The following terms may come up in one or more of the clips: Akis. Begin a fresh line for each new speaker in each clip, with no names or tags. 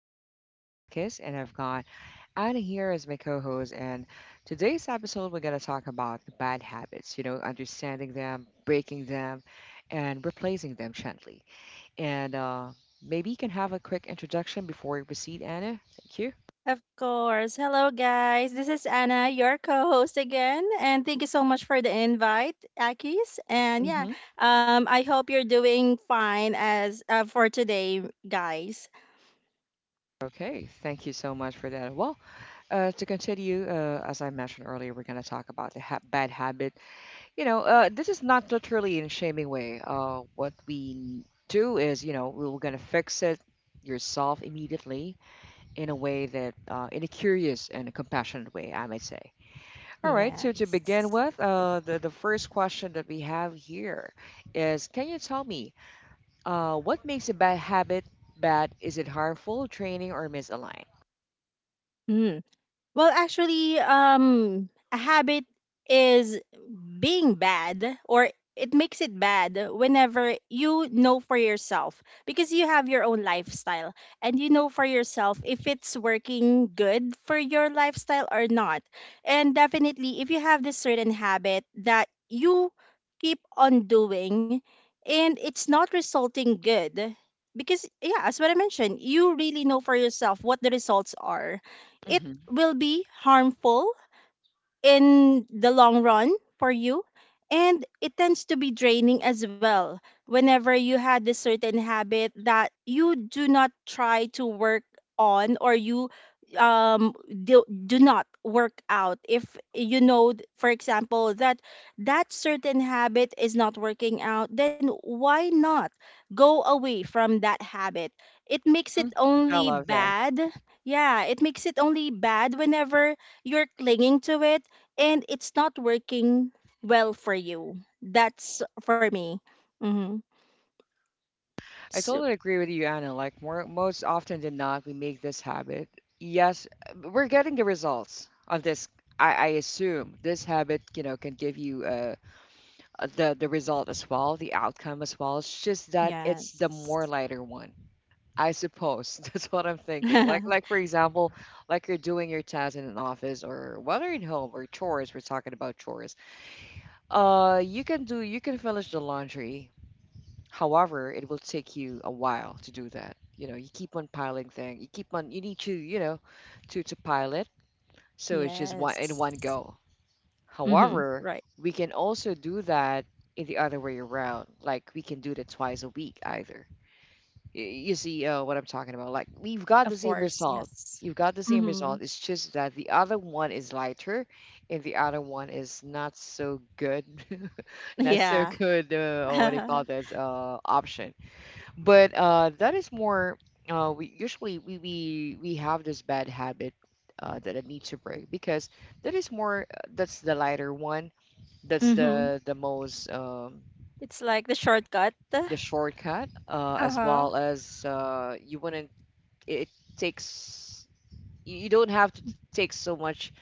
real. My name is Akis and I've got Anna here as my co-host. And today's episode, we're gonna talk about the bad habits. You know, understanding them, breaking them, and replacing them gently. And Maybe you can have a quick introduction before we proceed, Anna. Thank you.
Of course. Hello, guys. This is Anna, your co host again. And thank you so much for the invite, Akis. And
hmm
yeah, I hope you're doing fine as for today, guys.
Okay, thank you so much for that. Well, to continue, as I mentioned earlier, we're going to talk about the bad habit. You know, this is not literally in shaming way. What we do is, you know, we're gonna fix it yourself immediately in a way that, in a curious and a compassionate way, I might say. All right. So to begin
Yes.
with, the first question that we have here is, can you tell me, what makes a bad habit bad? Is it harmful, training, or misaligned?
Hmm. A habit is being bad or it makes it bad whenever you know for yourself, because you have your own lifestyle and you know for yourself if it's working good for your lifestyle or not. And definitely, if you have this certain habit that you keep on doing and it's not resulting good, because, yeah, as what I mentioned, you really know for yourself what the results are. It
hmm
will be harmful in the long run for you, and it tends to be draining as well whenever you had a certain habit that you do not try to work on, or you um do not work out. If you know for example that that certain habit is not working out, then why not go away from that habit? It makes it
I
only
love that.
bad. Yeah, it makes it only bad whenever you're clinging to it and it's not working well for you. That's for me. Mm-hmm.
I
So
totally agree with you, Anna. Like more, most often than not, we make this habit. Yes, we're getting the results of this. I assume this habit, you know, can give you the result as well, the outcome as well. It's just that it's the
yes.
more lighter one, I suppose. That's what I'm thinking.
Yes.
Like for example, like you're doing your task in an office or whether at home or chores. We're talking about chores. You can finish the laundry. However, it will take you a while to do that. You know, you keep on piling things. You keep on. You need to, you know, to pile it. So it's just one in one go.
Mm-hmm.
However,
Right.
we can also do that in the other way around. Like we can do that twice a week either. Y- You see, what I'm talking about? Like we've got the
Of
same
course.
result.
Yes.
You've got the same
Mm-hmm.
result. It's just that the other one is lighter, and the other one is not so good. Not so
Yeah.
good. Or what do you
Mm-hmm.
call this? Option, but that is more, we usually we have this bad habit, that I need to break because that is more, that's the lighter one, that's the most,
It's like the shortcut. Uh
the shortcut, as
huh.
well as you wouldn't, it takes, you don't have to take so much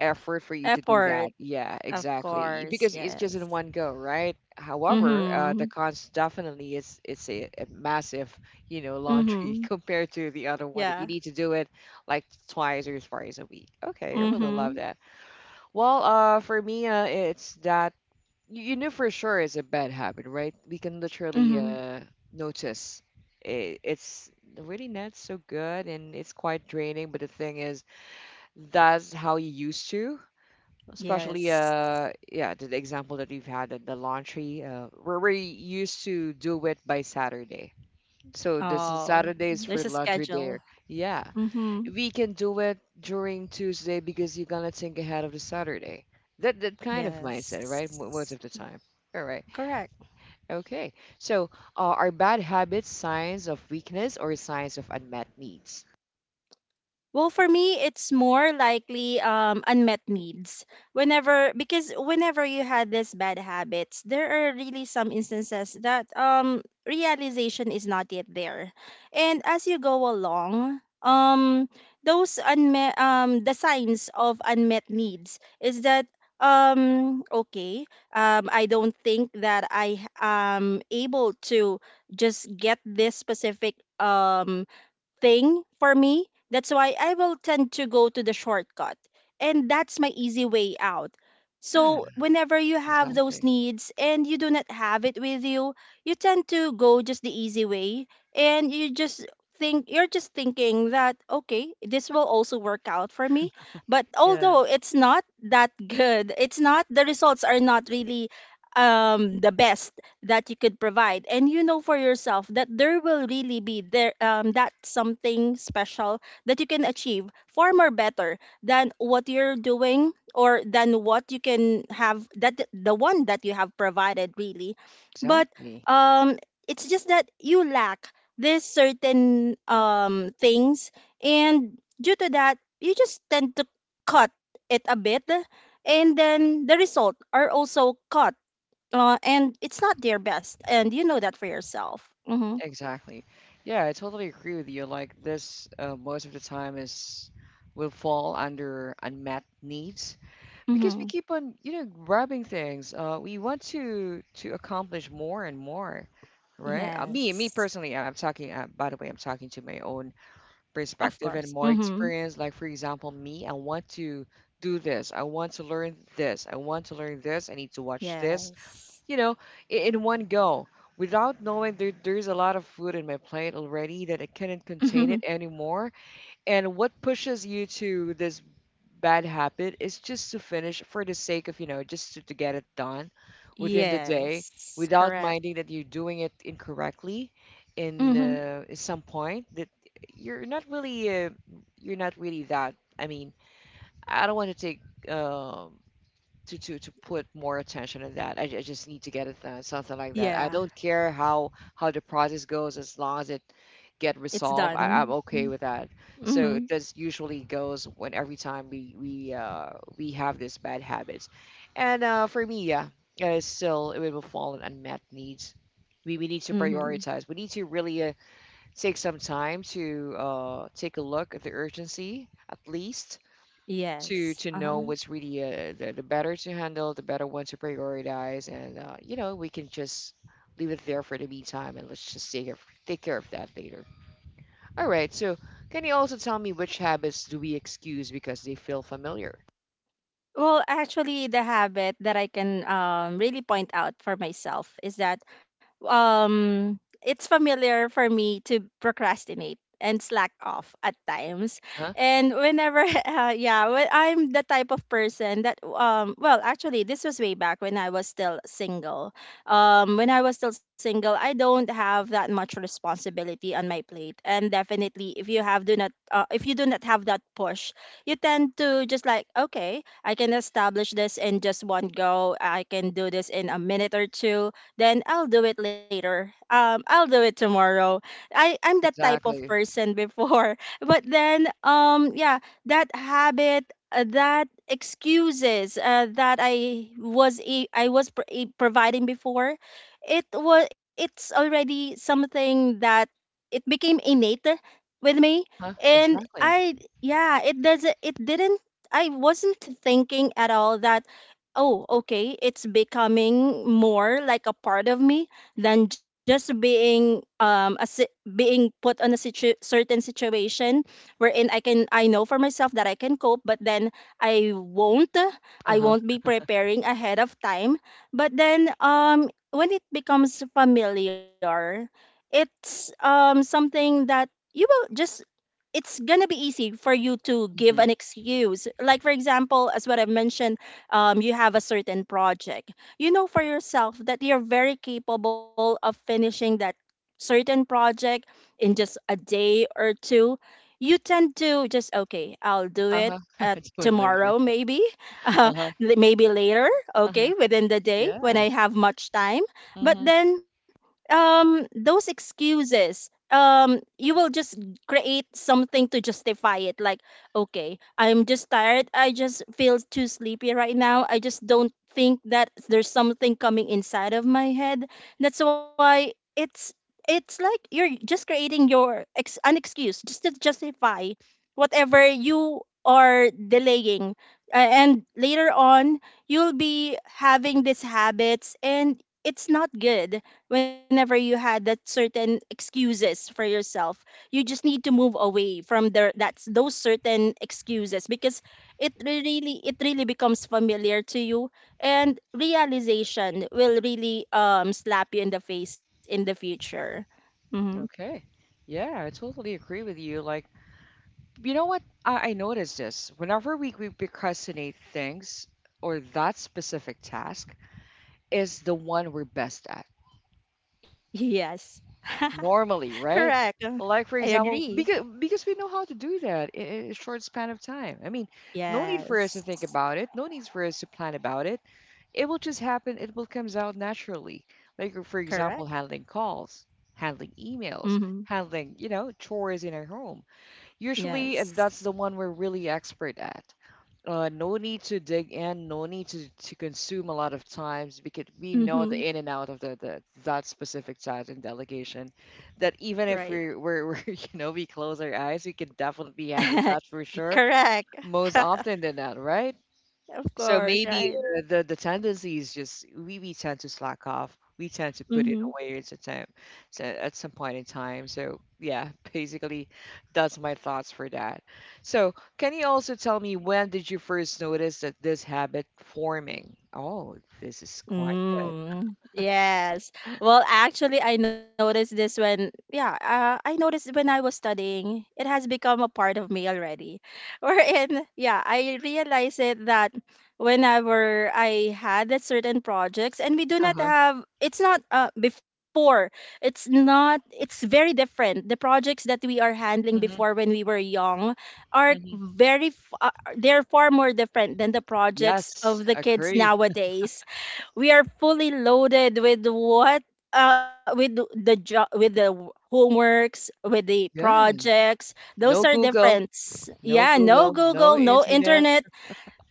effort for you to do that.
Effort.
Yeah,
Of
exactly.
course.
Because it's just in
Yes.
one go, right? However, the
Mm-hmm.
cons definitely is it's a massive, you know, laundry
Mm-hmm.
compared to the other one that you
Yeah.
need to do it like twice or thrice a week. Okay, I really love
Mm-hmm.
that. Well, for me, it's that you know for sure it's a bad habit, right? We can literally
Mm-hmm.
notice. It's really not so good and it's quite draining, but the thing is, that's how you used to, especially
Yes.
yeah the example that we've had at the laundry, where we used to do it by Saturday. So this is
Oh,
Saturday is for
there's a
laundry day.
schedule.
Yeah,
Mm-hmm.
we can do it during Tuesday, because you're gonna think ahead of the Saturday. That kind of mindset, right? Most
Yes.
of the time. All right,
Correct.
okay. So are bad habits signs of weakness or signs of unmet needs?
Well, for me, it's more likely unmet needs. Because whenever you had these bad habits, there are really some instances that realization is not yet there. And as you go along, those unmet, the signs of unmet needs is that okay, I don't think that I am able to just get this specific thing for me. That's why I will tend to go to the shortcut. And that's my easy way out.
Yeah,
So, whenever you have those
exactly.
needs and you do not have it with you, you tend to go just the easy way. And you just you're just thinking that, okay, this will also work out for me. But
Yeah,
although it's not that good, it's not, the results are not really the best that you could provide, and you know for yourself that there will really be there that something special that you can achieve far more better than what you're doing, or than what you can have, that the one that you have provided really. But
exactly.
um it's just that you lack this certain things, and due to that you just tend to cut it a bit, and then the result are also cut. And it's not their best, and you know that for yourself. Mm-hmm.
Exactly. Yeah, I totally agree with you. Like this, most of the time is will fall under unmet needs, because we
Mm-hmm.
keep on, you know, grabbing things. We want to accomplish more and more, right? Me
Yes,
personally, I'm talking. By the way, I'm talking to my own
of
perspective and
course.
more
Mm-hmm.
experience. Like for example, me, I want to do this. I want to learn this. I want to learn this. I need to watch this,
Yes.
you know, in one go, without knowing there's a lot of food in my plate already that I couldn't contain
Mm-hmm.
it anymore. And what pushes you to this bad habit is just to finish for the sake of, you know, just to get it done within the day,
Yes,
without
correct.
minding that you're doing it incorrectly in,
Mm-hmm.
at some point that you're not really, you're not really that. I mean, I don't want to take, um to put more attention on that. I, I just need to get it done, something like that. I
Yeah,
don't care how the process goes as long as it get
it's
resolved. I'm
done.
okay with that. So
Mm-hmm.
this usually goes when every time we have this bad habits, and for me, yeah, still it will fall on unmet needs. We need to
Mm-hmm.
prioritize. We need to really, take some time to, take a look at the urgency, at least
Yes.
to
Uh huh.
know what's really, the better to handle, the better one to prioritize, and you know we can just leave it there for the meantime, and let's just take care of that later. All right. So can you also tell me which habits do we excuse because they feel familiar?
The habit that I can really point out for myself is that it's familiar for me to procrastinate and slack off at times.
Huh?
And whenever, yeah, when I'm the type of person that, this was way back when I was still single. When I was still single, I don't have that much responsibility on my plate. And definitely, if you have do not, if you do not have that push, you tend to just like, okay, I can establish this in just one go. I can do this in a minute or two. Then I'll do it later. I'll do it tomorrow. I'm that type of
Exactly.
person before, but then yeah, that habit, that excuses that I was providing before, it's already something that it became innate with me.
Huh?
And
Exactly.
I, yeah, it didn't, I wasn't thinking at all that, oh, okay, it's becoming more like a part of me than just being a, being put on a certain situation wherein I can, I know for myself that I can cope, but then I won't
Uh
I
huh.
won't be preparing ahead of time. But then when it becomes familiar, it's something that you will just, it's gonna be easy for you to give
Mm-hmm.
an excuse. Like for example, as what I mentioned, you have a certain project. You know for yourself that you're very capable of finishing that certain project in just a day or two. You tend to just, okay, I'll do
Uh
it
huh.
at
It's it later.
tomorrow maybe, uh,
Uh huh.
maybe later,
Uh
okay,
huh.
within the day when
Yeah.
I have much time. But
Mm-hmm.
then those excuses, you will just create something to justify it, like, okay, I'm just tired, I just feel too sleepy right now, I just don't think that there's something coming inside of my head. That's why it's like you're just creating your an excuse just to justify whatever you are delaying. And later on you'll be having these habits, and it's not good. Whenever you had that certain excuses for yourself, you just need to move away from their that's those certain excuses, because really it really becomes familiar to you, and realization will really slap you in the face in the future. Hmm.
Okay. Yeah, I totally agree with you. Like, you know what? I noticed this. Whenever we procrastinate things or that specific task is the one we're best at
Yes.
normally,
Correct.
right?
I
Like for example,
agree.
because we know how to do that, in a short span of time. I mean, no need for us to
Yes.
think about it. No need for us to plan about it. It will just happen. It will comes out naturally. Like for
Correct.
example, handling calls, handling
Mm-hmm.
emails, handling you know chores in our home. Usually,
Yes.
that's the one we're really expert at. No need to dig in, no need to consume a lot of times because we know
Mm-hmm.
the in and out of the that specific task and delegation. That even
Right.
if we're you know we close our eyes, we can definitely handle that for sure
Correct.
most often than not, right?
Of
So
course.
maybe,
Right.
the tendency is just we tend to slack off. We tend to put it
Mm-hmm.
away at some time, so at some point in time. So yeah, basically, that's my thoughts for that. So can you also tell me when did you first notice that this habit forming? Oh, this is quite good.
Mm, yes. Well, actually, I noticed this when, yeah, I noticed when I was studying, it has become a part of me already. Wherein, yeah, I realized it that whenever I had a certain projects, and we do
Uh
not
huh.
have, it's not before, it's not, it's very different. The projects that we are handling
hmm
before when we were young are
hmm
very, they're far more different than the projects
Yes,
of the kids
agree.
nowadays. We are fully loaded with what, with the job, with the homeworks, with the
Yeah.
projects. Those
No
are
Google.
different.
No
Yeah, no
Google. No
Google, no
internet.
internet.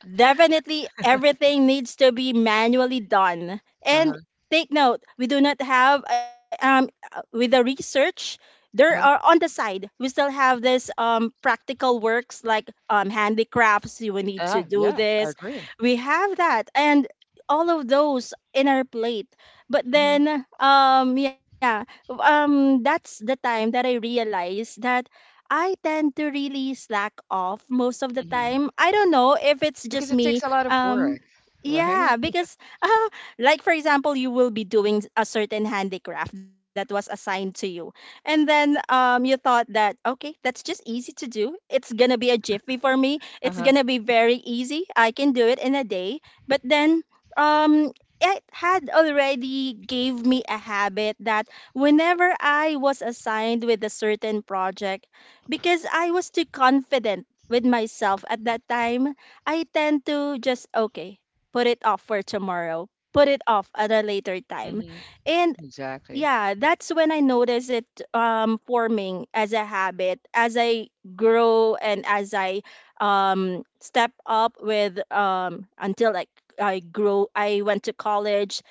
Definitely everything needs to be manually done.
Uh
And
huh.
take note, we do not have with the research, there are
Uh-huh.
on
Uh-huh.
the side we still have this practical works like handicrafts. You will need to
Ah,
do
yeah. I
this.
agree.
We have that, and all of those in our plate. But
hmm
then yeah, that's the time that I realized that I tend to really slack off most of the
hmm
time. I don't know if it's
Because
just
it takes
me.
a lot of work, right?
Yeah, because uh, like for example, you will be doing a certain handicraft that was assigned to you, and then you thought that, okay, that's just easy to do. It's gonna be a jiffy for me. It's
Uh-huh.
gonna be very easy. I can do it in a day. But then um, it had already gave me a habit that whenever I was assigned with a certain project, because I was too confident with myself at that time, I tend to just, okay, put it off for tomorrow, put it off at a later time.
hmm
And
Exactly.
yeah, that's when I notice it forming as a habit, as I grow, and as I step up with, until like, I grow, I went to college.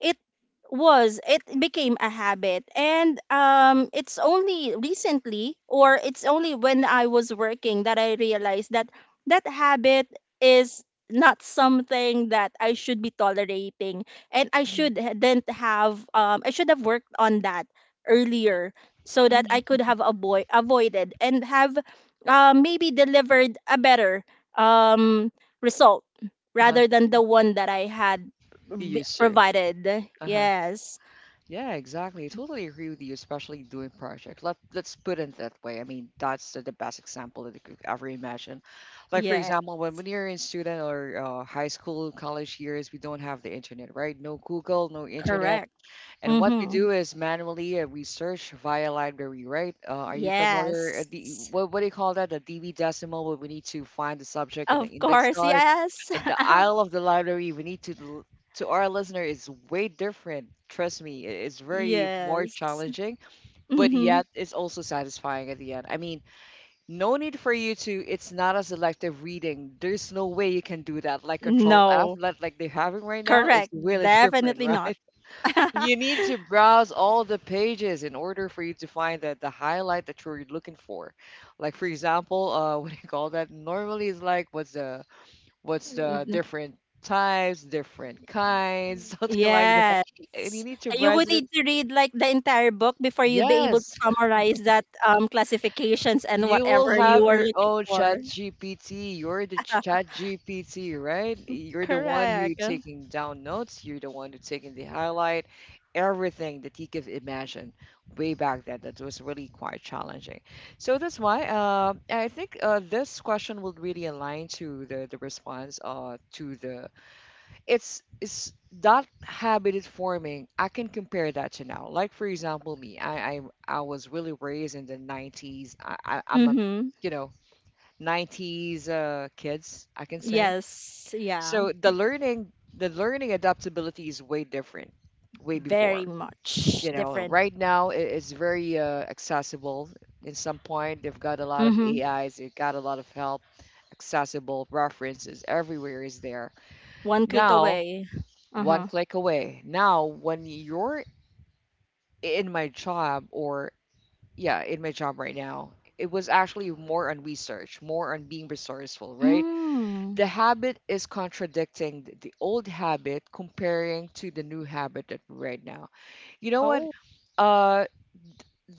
It was, it became a habit, and it's only recently, or it's only when I was working, that I realized that that habit is not something that I should be tolerating, and I
hmm
shouldn't have, I should have worked on that earlier, so that I
hmm
could have avoided and have maybe delivered a better um result
Uh-huh.
rather than the one that I had
You used to.
provided.
Uh-huh.
Yes.
Yeah, exactly. I totally agree with you, especially doing projects. Let let's put it that way. I mean, that's the best example that you could ever imagine. Like for
Yeah,
example, when you're in student or, high school, college years, we don't have the internet, right? No Google, no internet.
correct.
And what we
Mhm.
do is manually, we search via library, right? Are you familiar?
Yes.
The, what do you call that? The DB decimal, where we need to find the subject in the
Of
index
course,
card.
yes.
And the aisle of the library, we need to, to our listener, is way different. Trust me, it's very more
Yes.
challenging, but
Mhm.
yet it's also satisfying at the end. I mean, no need for you to, it's not a selective reading. There's no way you can do that. Like Control F,
No.
like they're having right now, is
Correct.
really different,
Definitely not.
right? You need to browse all the pages in order for you to find that the highlight that you're looking for. Like for example, what do you call that? Normally it's like what's the
N-
different types, different kinds, something like that.
Yes.
And you need to
You
browse
would
it.
need to read like the entire book before you'd be able to
Yes,
summarize that classifications and
you
whatever
will have
you are
your
looking
own
for.
chat GPT. You're the chat GPT, right? You're the one who
Correct.
taking down notes. You're the one who taking the highlight, everything that you could imagine way back then. That was really quite challenging. So that's why I think this question will really align to the response to the it's That habit is forming. I can compare that to now. Like for example me, I I was really raised in the 90s. I I'm a
Mm-hmm.
you know 90s kids I can say.
Yes. Yeah.
So the learning adaptability is way different way
Very
before,
much
you know.
different.
Right now it's very accessible. In some point they've got a lot of
Mm-hmm.
ais, they've got a lot of help, accessible references everywhere is there
One click
now,
away.
one
Uh-huh.
click away. Now, when you're in my job or yeah, in my job right now, it was actually more on research, more on being resourceful, right?
Mm.
The habit is contradicting the old habit comparing to the new habit that right now. You know what?
Oh.
Uh,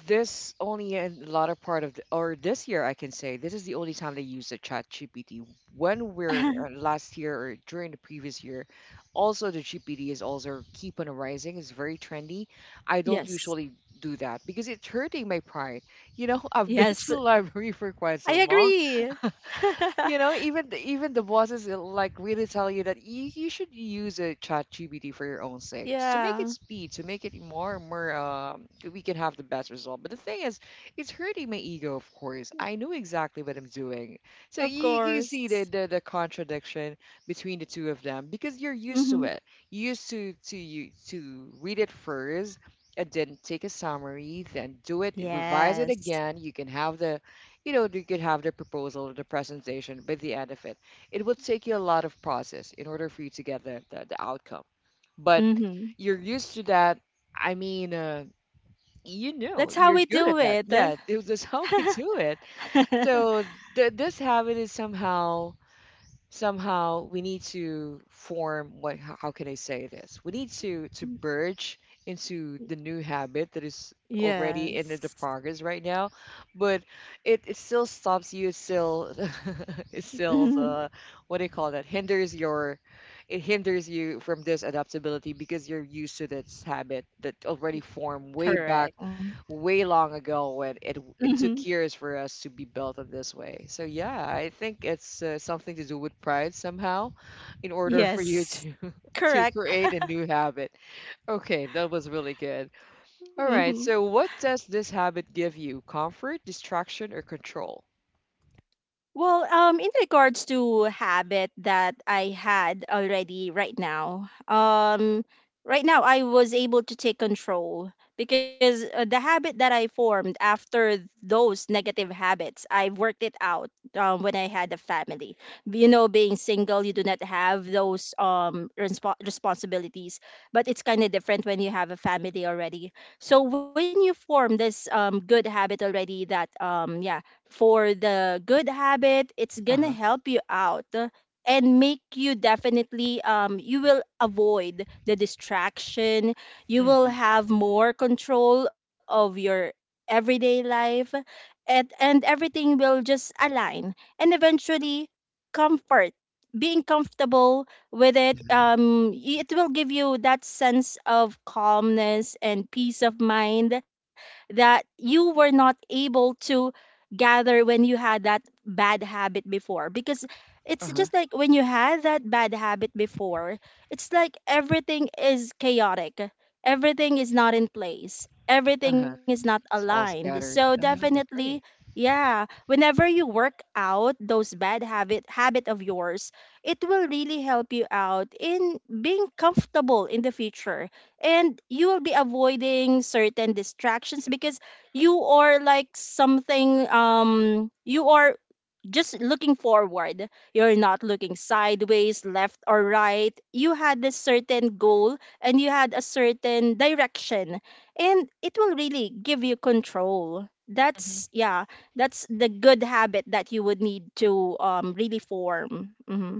this only in the latter part of the, or this year, I can say this is the only time they use the chat GPT. When we're last year or during the previous year, also the GPT is also keep on rising. It's very trendy. I don't
Yes.
usually do that because it's hurting my pride. You know, I've been to
Yes.
the library for quite
I
so long.
agree.
You know, even even the bosses will like really tell you that you should use a chat GPT for your own sake to make it
Yeah.
speed, to make it more and more we can have the best result. But the thing is, it's hurting my ego, of course. I know exactly what I'm doing. So
Of
you see the,
course.
the the contradiction between the two of them because you're used to
Mm-hmm.
it. You used to read it first and then take a summary, then do it, revise it
Yes.
again. You can have the, you know, you could have the proposal or the presentation by the end of it. It would take you a lot of process in order for you to get the outcome. But
Mhm.
you're used to that. I mean, you know,
That's how
you're
we
good at
do
that.
it.
Yeah, it was just how we do it. So this habit is somehow, somehow we need to form. What, how, can I say this? We need to merge into the new habit that is already in the
Yes.
progress right now, but it still stops you, it still it still
Mhm.
what do you call that, hinders your, it hinders you from this adaptability because you're used to this habit that already formed way back,
Correct.
way long ago, when it
Mhm.
took years for us to be built in this way. So yeah, I think it's something to do with pride somehow, in order for you
Yes.
to to
Correct.
create a new habit. Okay, that was really good. All right,
Mhm.
so what does this habit give you? Comfort, distraction, or control?
Well, in regards to habit that I had already right now, right now I was able to take control because the habit that I formed after those negative habits, I worked it out when I had a family. You know, being single, you do not have those responsibilities, but it's kind of different when you have a family already. So when you form this good habit already, that yeah, for the good habit it's
Uh
gonna
huh.
help you out and make you definitely you will avoid the distraction. You will
Mm-hmm.
have more control of your everyday life and everything will just align and eventually comfort being comfortable with it,
Yeah.
y- it will give you that sense of calmness and peace of mind that you were not able to gather when you had that bad habit before, because
Uh
it's
huh.
just like when you had that bad habit before, it's like everything is chaotic, everything is not in place,
Uh
everything is
huh.
not
It's all
aligned. So
scattered. Uh huh.
definitely,
Agree.
yeah, whenever you work out those bad habit of yours, it will really help you out in being comfortable in the future, and you will be avoiding certain distractions because you are like something, you are just looking forward. You're not looking sideways, left or right. You had a certain goal and you had a certain direction, and it will really give you control. That's
Hmm.
Yeah, that's the good habit that you would need to really form. Mm-hmm.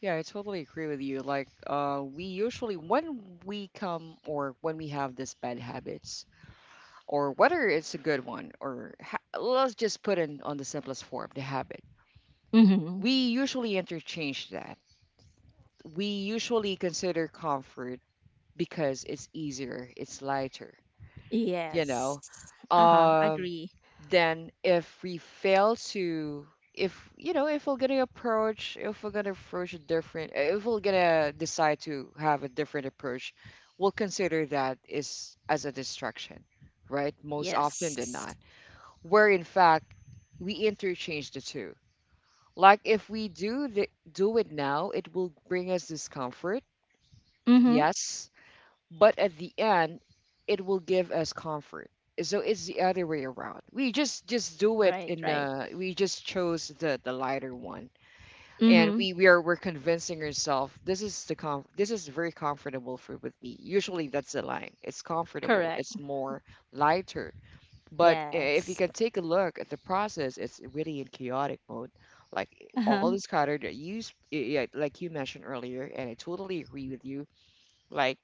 Yeah, I totally agree with you. Like, we usually when we come or when we have this bad habits, or whether it's a good one, or let's just put in on the simplest form, the habit.
Hmm.
We usually interchange that. We usually consider comfort because it's easier, it's lighter, you
Yes.
know.
Uh-huh.
Um,
Agree.
then if we fail to, if you know, if we're gonna approach a different, if we're gonna decide to have a different approach, we'll consider that is as a distraction, right? Most often than
Yes.
not, where in fact we interchange the two. Like if we do the, do it now, it will bring us discomfort,
Mm-hmm.
yes, but at the end, it will give us comfort. So it's the other way around. We just do it
Right,
in
right.
the, we just chose the lighter one, and
Mm-hmm.
we're convincing ourselves this is the com, this is very comfortable for with me. Usually that's the line. It's comfortable.
Correct.
It's more lighter. But if you
Yes.
can take a look at the process, it's really in chaotic mode. Like all
Uh-huh.
is cluttered. You, yeah, like you mentioned earlier, and I totally agree with you. Like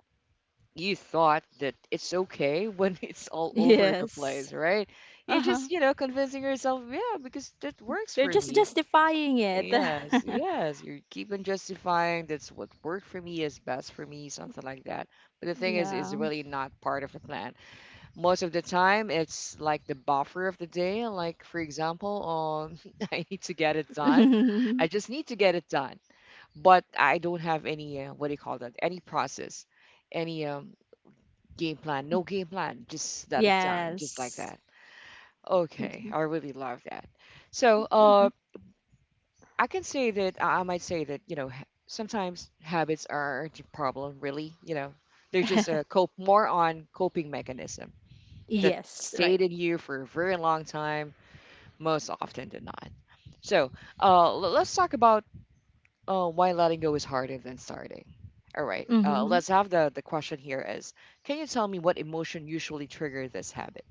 you thought that it's okay when it's all over the
Yes.
place, right? You're just,
Uh-huh.
you know, convincing yourself, yeah, because that works
You're
for
just
me.
justifying it.
Yes, yes. You keep on justifying that's what worked for me is best for me, something like that. But the thing is, it's
Yeah.
really not part of a plan most of the time. It's like the buffer of the day. Like for example, I need to get it done, I just need to get it done, but I don't have any what do you call that, any process, any game plan, no game plan, just that it's done, just like
Yes.
that. Okay, I really love that. So
Mhm.
I can say that I might say that, you know, sometimes habits aren't a problem really, you know, they're just a cope, more on coping mechanism that
Yes,
stayed
right.
in you for a very long time, most often did not. So let's talk about why letting go is harder than starting. All right,
Hmm.
let's have the question here is, can you tell me what emotion usually trigger this habit?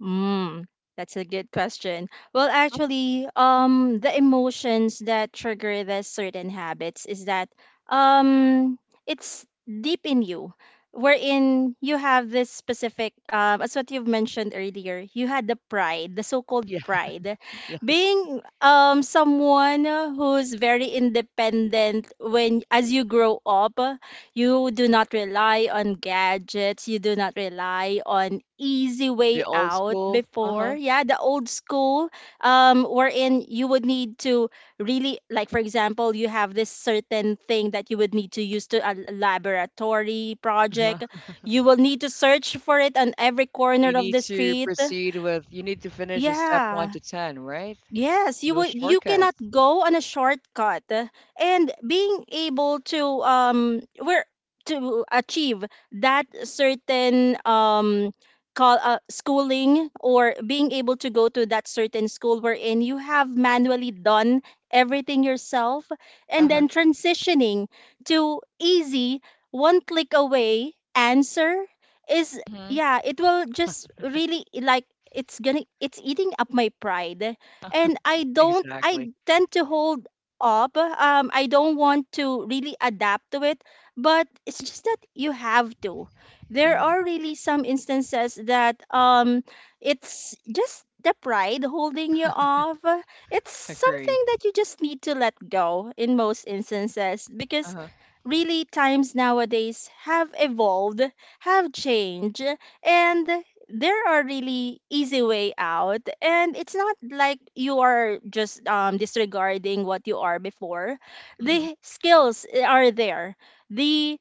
Mm, that's a good question. Well, actually, the emotions that trigger the certain habits is that, um, it's deep in you, wherein you have this specific, as what you've mentioned earlier, you had the pride, the so-called
Yeah,
pride,
yes.
being someone who's very independent when as you grow up. You do not rely on gadgets. You do not rely on easy way
The old
out
school,
before.
uh-huh,
Yeah, the old school, wherein you would need to really, like, for example, you have this certain thing that you would need to use to a laboratory
uh-huh.
project. You will need to search for it on every
You
corner of
need
the
to
street.
proceed with, you need to finish a step one
Yeah.
to 10, right?
Yes,
No
you
shortcuts.
cannot go on a shortcut. And being able to where to achieve that certain call, schooling, or being able to go to that certain school wherein you have manually done everything yourself, and
Uh-huh.
then transitioning to easy one click away answer is,
Hmm.
yeah, it will just really like, it's eating up my pride, and I don't, I
Exactly.
tend to hold up. I don't want to really adapt to it, but it's just that you have to. There are
Hmm.
really some instances that, it's just the pride holding you off. It's
Agree.
something that you just need to let go in most instances, because
Uh-huh.
really times nowadays have evolved, have changed, and there are really easy way out, and it's not like you are just disregarding what you are before. The skills, are there, the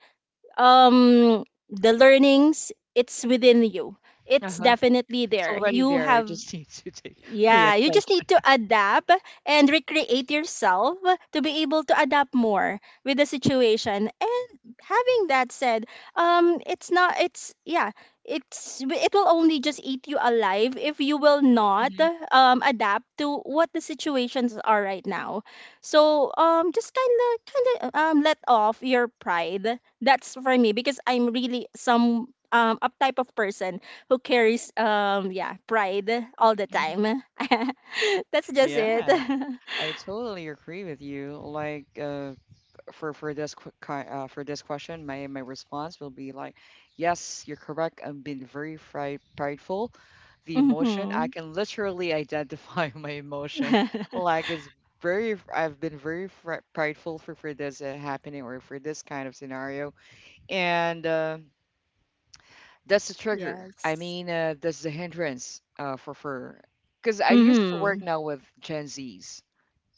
um the learnings, it's within you,
Uh
it's
huh.
definitely
It's
there.
already
You
there. You
have
just need to take pay
Yeah, you just
attention.
need to adapt and recreate yourself to be able to adapt more with the situation. And having that said, it's not. It's, yeah. It will only just eat you alive if you will not
Mhm,
adapt to what the situations are right now. So just kind of let off your pride. That's for me, because I'm really some a type of person who carries, yeah, pride all the
mhm.
time. That's just it.
Yeah, I totally agree with you. Like, for this question, my response will be like, yes, you're correct. I'm being very fri prideful. The emotion, I
Hmm.
can literally identify my emotion. Like, it's very. I've been very fri prideful for this happening or for this kind of scenario, and that's the trigger. I
Yes.
mean, that's the hindrance for, because I used to work
Hmm.
now with Gen Zs.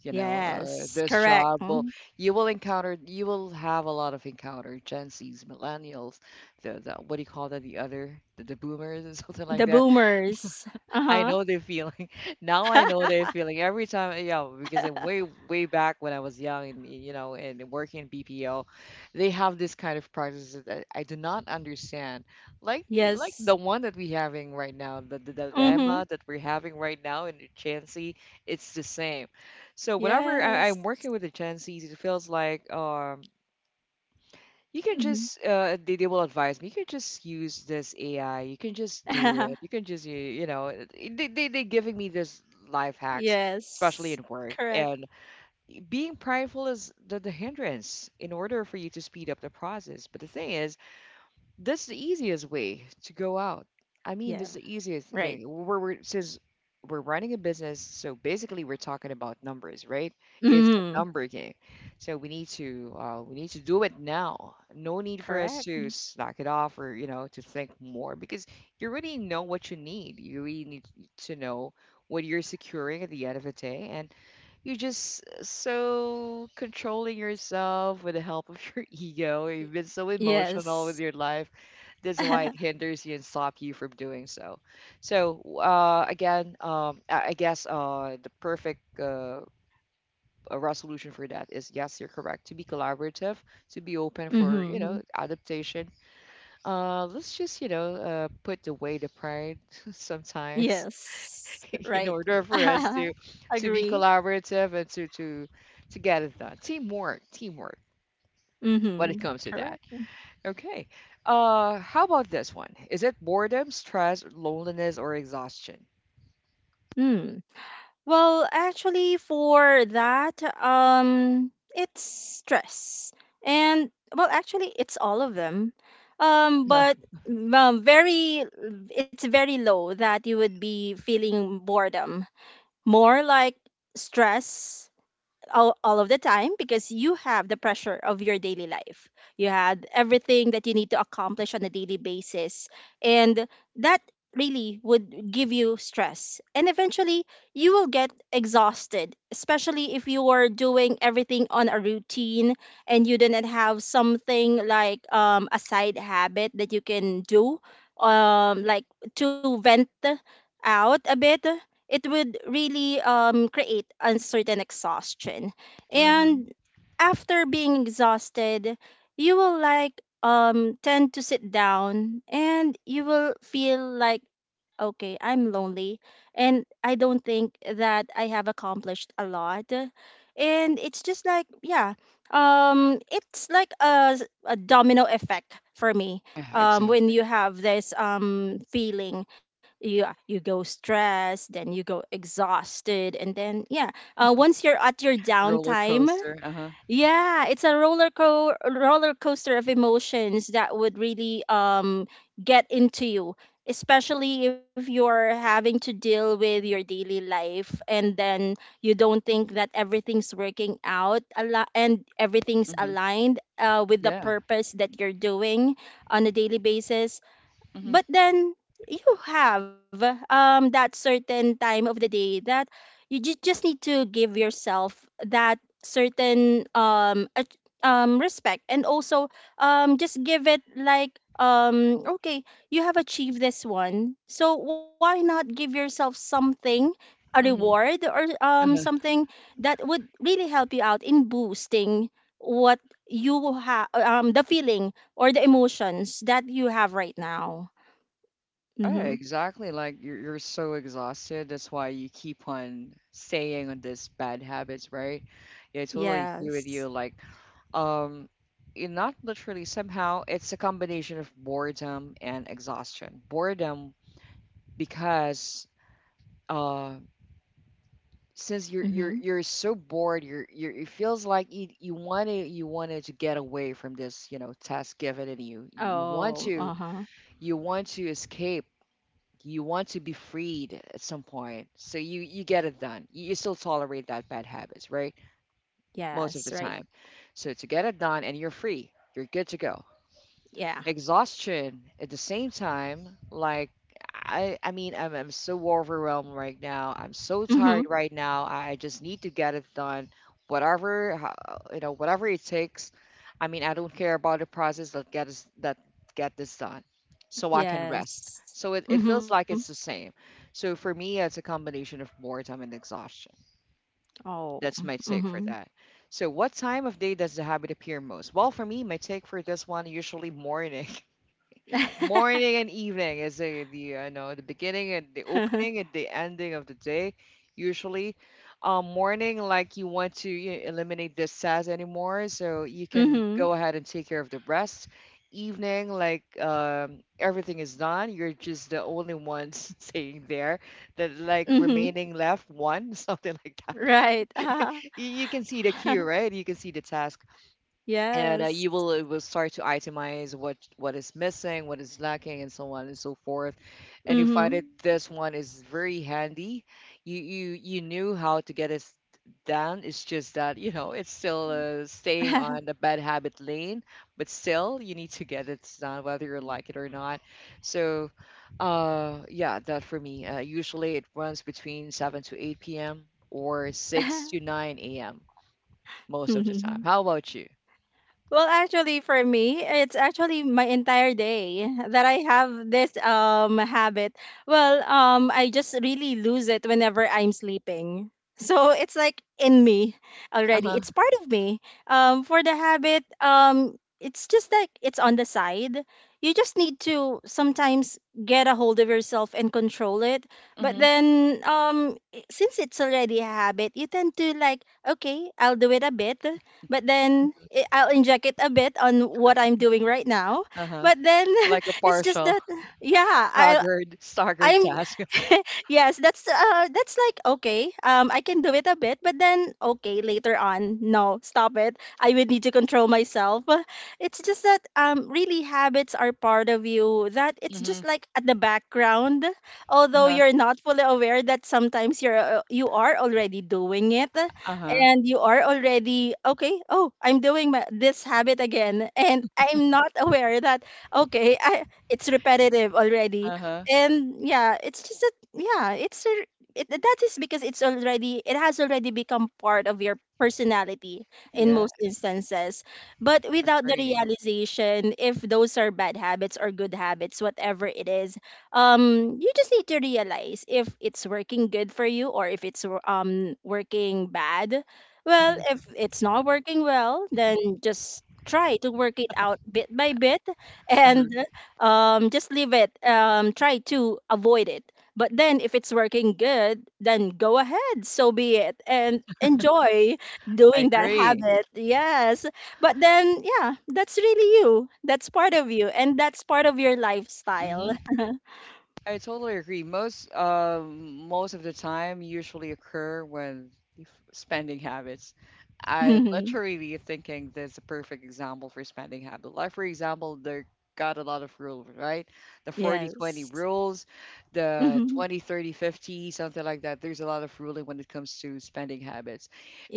You know,
Yes.
this
Correct.
job will,
Mm.
you will encounter, you will have a lot of encounter Gen Zs, millennials, the what do you call that? The other the boomers and something like
The
that.
boomers.
I
Uh
know the feeling. Now I know the
huh.
feeling. Every time, yeah, because in way, way back when I was young and, you know, and working in BPO, they have this kind of practices that I do not understand. Like, eh, like
Yes.
the one that we're having right now, the
Hmm.
dilemma that we're having right now in the Chancy, it's the same. So whenever
Yes.
I'm working with the Chancy, it feels like, you can
Hmm.
just they will advise me, you can just use this AI, you can just do it, you can just you, you know they, they giving me this life hacks, especially
Yes.
in work.
Correct.
And being prideful is the hindrance in order for you to speed up the process. But the thing is, that's the easiest way to go out. I mean,
Yeah.
that's the easiest
Right.
thing. We're since we're running a business, so basically we're talking about numbers, right? It's a
Hmm.
number game. So we need to do it now. No need for us
Correct.
to slack it off or, you know, to think more because you really know what you need. You really need to know what you're securing at the end of the day, and you're just so controlling yourself with the help of your ego. You've been so emotional with
Yes.
your life, that's why it hinders you and stop you from doing so. So again, I guess the perfect a resolution for that is yes, you're correct. To be collaborative, to be open for, you know,
Hmm.
adaptation. Let's just, you know, put away the pride sometimes
Yes,
in
right.
order for us to be
Agree.
collaborative and to get it done. Teamwork, teamwork. When it
Mm-hmm.
comes to that.
Correct.
Okay. How about this one? Is it boredom, stress, loneliness, or exhaustion?
Hmm. Well, actually, for that, it's stress, and well, actually, it's all of them.
Uh,
But um, very, it's very low that you would be feeling boredom. More like stress all of the time, because you have the pressure of your daily life. You had everything that you need to accomplish on a daily basis. And that really would give you stress. And eventually, you will get exhausted, especially if you are doing everything on a routine and you didn't have something like, a side habit that you can do, like to vent out a bit. It would really create uncertain exhaustion.
hmm.
And after being exhausted, you will like, tend to sit down, and you will feel like, okay, I'm lonely, and I don't think that I have accomplished a lot. And it's just like, yeah, it's like a domino effect for me,
Yeah,
when
exactly.
you have this, feeling. You go stressed, then you go exhausted, and then, yeah, once you're at your
Roller
downtime,
coaster. Uh-huh.
yeah, it's a roller coaster of emotions that would really get into you, especially if you're having to deal with your daily life, and then you don't think that everything's working out a lot, and everything's
Hmm.
aligned with the
Yeah.
purpose that you're doing on a daily basis.
Hmm.
But then you have, that certain time of the day that you just need to give yourself that certain respect, and also just give it like, okay, you have achieved this one, so why not give yourself something, a
Hmm.
reward or
Uh-huh.
something that would really help you out in boosting what you have, the feeling or the emotions that you have right now.
Yeah,
Mm-hmm.
exactly. Like you're so exhausted. That's why you keep on staying on this bad habits, right? Yeah, I totally agree with
Yes.
you. Like, um, it not literally somehow it's a combination of boredom and exhaustion. Boredom because uh since you're
Mm-hmm.
you're you're so bored you're it feels like you want you wanted to get away from this task given and you want
Oh,
to
uh-huh.
you want to escape you want to be freed at some point so you get it done you still tolerate that bad habits, right? Most
Yes,
of the
right.
time, so to get it done and you're free, you're good to go.
Yeah.
Exhaustion at the same time, like I mean I'm so overwhelmed right now, I'm so
Mm-hmm.
tired right now, I just need to get it done whatever whatever it takes. I mean, I don't care about the process that get us that get this done so I can rest.
Yes.
So it
Mm-hmm.
feels like it's the same. So for me, it's a combination of boredom and exhaustion.
Oh.
That's my take for
Mm-hmm.
that. So what time of day does the habit appear most? Well, for me, my take for this one, usually morning. Morning and evening is the I know the beginning and the opening and the ending of the day. Usually, morning, like you want to eliminate the SAS anymore, so you can
Mm-hmm.
go ahead and take care of the rest. Evening, like everything is done. You're just the only one staying there. That like
Mm-hmm.
remaining left one something like that.
Right. Uh-huh.
You can see the queue, right? You can see the task and
Yes.
you will it will start to itemize what is missing, what is lacking, and so on and so forth. And you find
Mm-hmm.
it this one is very handy. You knew how to get it done. It's just that you know it's still staying on the bad habit lane, but still you need to get it done whether you like it or not. So yeah, that for me, usually it runs between 7 to 8 p.m. or 6 to 9 a.m most of the time. How about you?
Well, actually, for me, it's actually my entire day that I have this habit. Well, I just really lose it whenever I'm sleeping. So it's like in me already.
uh-huh
It's part of me. For the habit, it's just like it's on the side. You just need to sometimes get a hold of yourself and control it. But
mhm.
then, since it's already a habit, you tend to like, okay, I'll do it a bit, but then, I'll inject it a bit on what I'm doing right now.
Uh-huh.
But then
Like a
it's just
partial
that, yeah, I
staggered
I'm
task.
yes, that's, that's like okay. I can do it a bit, but then okay, later on, no, stop it. I would need to control myself. It's just that, really habits are part of you, that it's
Mm-hmm.
just like at the background, although
Uh-huh.
you're not fully aware that sometimes you are already doing it,
Uh-huh.
and you are already, okay, oh, I'm doing this habit again, and I'm not aware that, okay, it's repetitive already.
Uh-huh.
And yeah, it's just that, yeah, that is because it has already become part of your personality in
Yeah,
most instances, but without the
agree.
realization if those are bad habits or good habits. Whatever it is, you just need to realize if it's working good for you, or if it's working bad. Well,
Mm-hmm.
if it's not working well, then just try to work it out bit by bit,
Uh-huh.
and just leave it. Try to avoid it. But then, if it's working good, then go ahead. So be it, and enjoy
I
doing that
agree.
habit. Yes. But then, yeah, that's really you. That's part of you, and that's part of your lifestyle.
Mm-hmm. I totally agree. Most most of the time usually occur when spending habits. I
Mhm.
literally thinking that's a perfect example for spending habit. Like for example, there got a lot of rules, right? The 40/20
Yes.
rules, the
Mhm.
20/30/50, something like that. There's a lot of ruling when it comes to spending habits.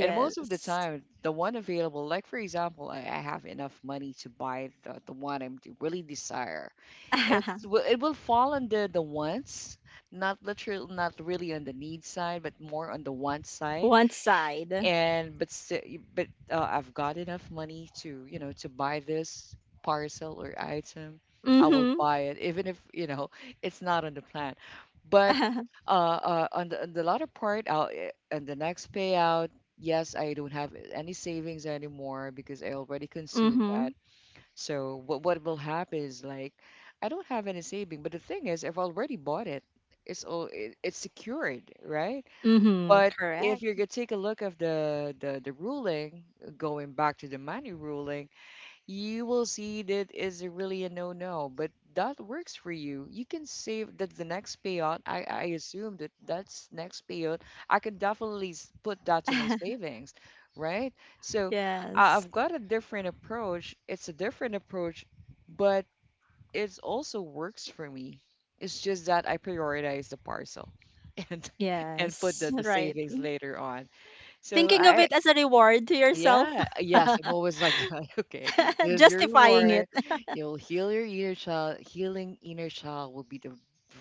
And most of the time, the one available, like for example, I have enough money to buy the one I am really desire. It will fall on the wants, not literal, not really on the need side, but more on the want side.
One side.
And but si- but I've got enough money to you know to buy this parcel or item. I will
Mm-hmm.
buy it, even if you know it's not on the plan. But on the latter part, on the next payout, yes, I don't have any savings anymore because I already consumed
Mm-hmm.
that. So what will happen is like I don't have any saving, but the thing is I've already bought it. It's all it's secured, right?
Mm-hmm.
But if
Correct.
you're gonna take a look of the ruling, going back to the money ruling, you will see that is really a no-no, but that works for you. You can save that the next payout. I assume that that's next payout. I can definitely put that to my savings, right? So I
Yes.
I've got a different approach. It's a different approach, but it also works for me. It's just that I prioritize the parcel and and put
Yes.
the
Right.
savings later on. So
Thinking of
I,
it as a reward to yourself.
yeah, yes, I'm always like that. Okay, this is your
Justifying it.
reward. You'll heal your inner child. Healing inner child will be the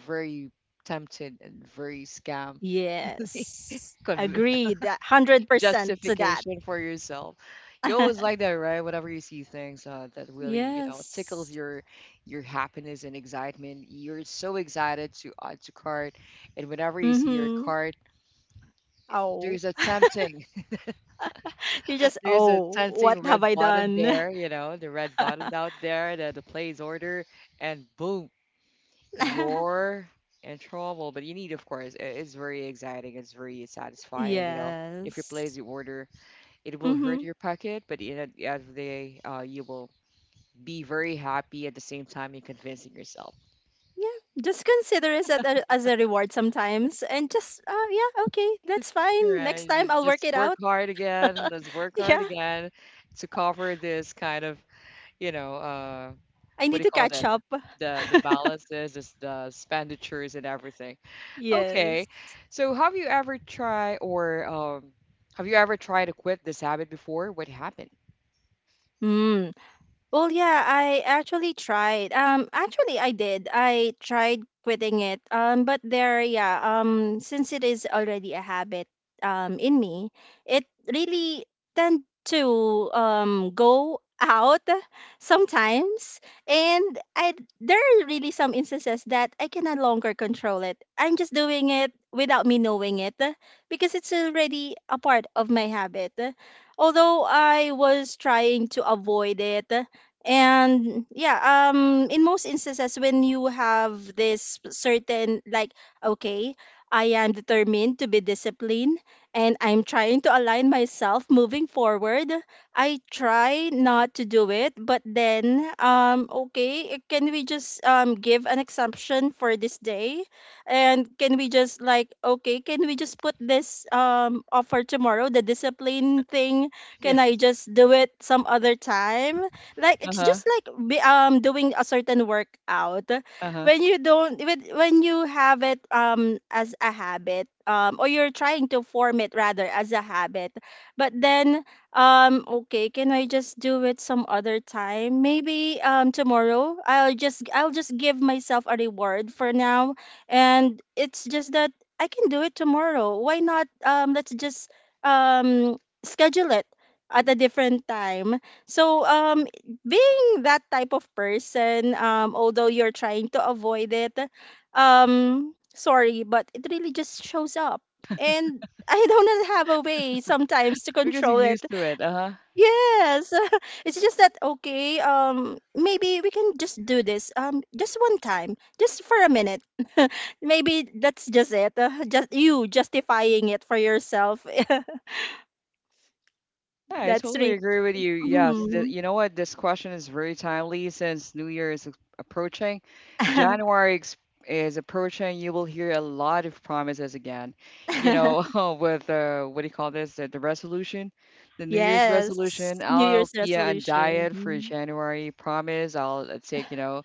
very tempted and very scam
Yes.
con-
Agreed. 100% to that.
justification for yourself. You always like that, right? Whenever you see things that really, you know, tickles
Yes.
your happiness and excitement, you're so excited to add to cart, and whenever you see your
Mm-hmm.
cart,
Oh.
there's a tempting.
You just,
There's a
oh,
sensing
what have
red
I
button
done?
there, you know, the red button out there, the plays order, and boom, you're in trouble. But you need, of course, it's very exciting, it's very satisfying, you know. If you place
Yes.
the order, it will hurt
Mm-hmm.
your pocket, but in at the end of the day, you will be very happy at the same time you're convincing yourself.
Yeah. Just consider it as as a reward sometimes, and just, yeah, okay, that's
All
fine. Next
right,
time I'll work
just
it
work
out.
hard again. Let's work hard
Yeah.
again to cover this kind of, you know,
I
what do
need
you
to
call
catch
that?
up.
The balances, is the expenditures and everything. Okay.
Yes.
So have you ever tried or have you ever tried to quit this habit before? What happened?
Mm, Well, yeah, I actually tried. Actually, I did. I tried quitting it. But there, yeah. Since it is already a habit, in me, it really tend to go out sometimes, and I there are really some instances that I can no longer control it. I'm just doing it without me knowing it, because it's already a part of my habit. Although I was trying to avoid it. And yeah, in most instances, when you have this certain like, okay, I am determined to be disciplined, and I'm trying to align myself moving forward, I try not to do it, but then, okay, can we just give an exemption for this day, and can we just like okay, can we just put this offer tomorrow, the discipline thing?
Yeah.
Can I just do it some other time? Like it's
Uh-huh.
just like doing a certain workout,
Uh-huh.
when you don't when you have it as a habit, or you're trying to form it rather as a habit. But then okay, can I just do it some other time, maybe tomorrow, I'll just give myself a reward for now, and it's just that I can do it tomorrow, why not, let's just um schedule it at a different time. So being that type of person, although you're trying to avoid it, sorry, but it really just shows up. And I don't have a way sometimes to
Because you're
control it.
used to it. Uh-huh.
Yes. It's just that okay, maybe we can just do this. Just one time, just for a minute. Maybe that's just it. Just you justifying it for yourself.
Yeah, I
That's
totally
really.
agree with you. Yes,
Mhm.
you know what? This question is very timely since New Year is approaching. January is approaching. You will hear a lot of promises again. You know, with what do you call this? The resolution, the New Year's
Yes,
resolution.
New
I'll
Year's
be on diet for
resolution.
January. Promise. I'll take. You know,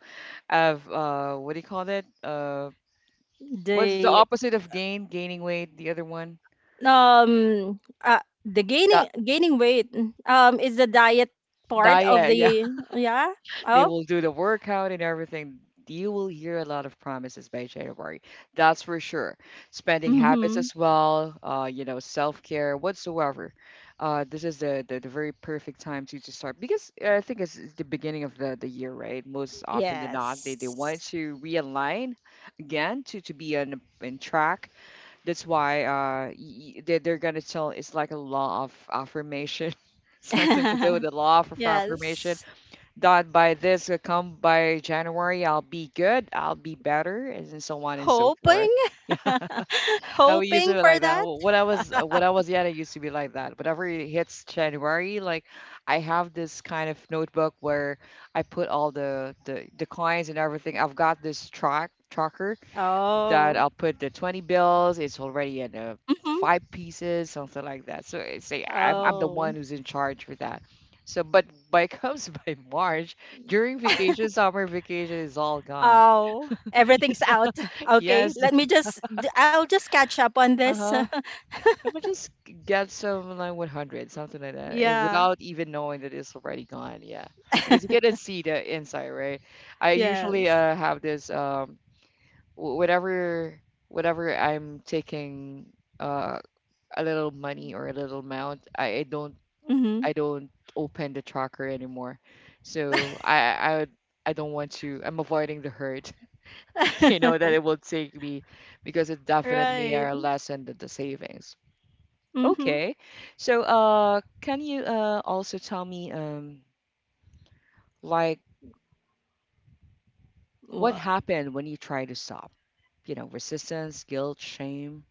of what do you call it? What's the
The
opposite of gain? Gaining weight. The other one.
um uh, the
Di
gaining weight is the diet part of
diet. Yeah.
the, yeah.
They
Oh.
will do the workout and everything. You will hear a lot of promises by January. That's for sure. Spending habits
Mhm.
as well, you know, self-care whatsoever. This is the very perfect time to start because I think it's the beginning of the year, right? Most often than not, they
Yes.
want to realign again to be on in track. That's why they they're gonna tell it's like a law of affirmation. Something to do with the law of affirmation
Yes.
that by this come by January, I'll be good, I'll be better, and so on and so forth.
Hoping.
Yeah, I used to
Hoping
be
for
like that.
that.
When I was when I was young, I used to be like that. Whenever it hits January, like I have this kind of notebook where I put all declines and everything. I've got this tracker that
Oh.
I'll put the 20 bills. It's already in
Mhm.
five pieces, something like that. So it's a, I'm the one
Oh.
who's in charge for that. So, but by comes by March, during vacation, summer vacation is all gone.
Oh, everything's
So,
out. Okay,
yes,
let me just I'll just catch up on this.
uh-huh. I might just get some like 100, something like that, eh,
Yeah.
without even knowing that it's already gone. Yeah, because you couldn't see the inside, right? I usually
Yes.
have this wh- whatever whatever I'm taking uh, a little money or a little amount, I don't
Mhm.
I don't open the tracker anymore. So I would I don't want to. I'm avoiding the hurt, you know, that it will take me because it definitely
Right.
are less than the savings.
Mhm.
Okay. So, can you also tell me like what
Wow.
happened when you try to stop? You know, resistance, guilt, shame.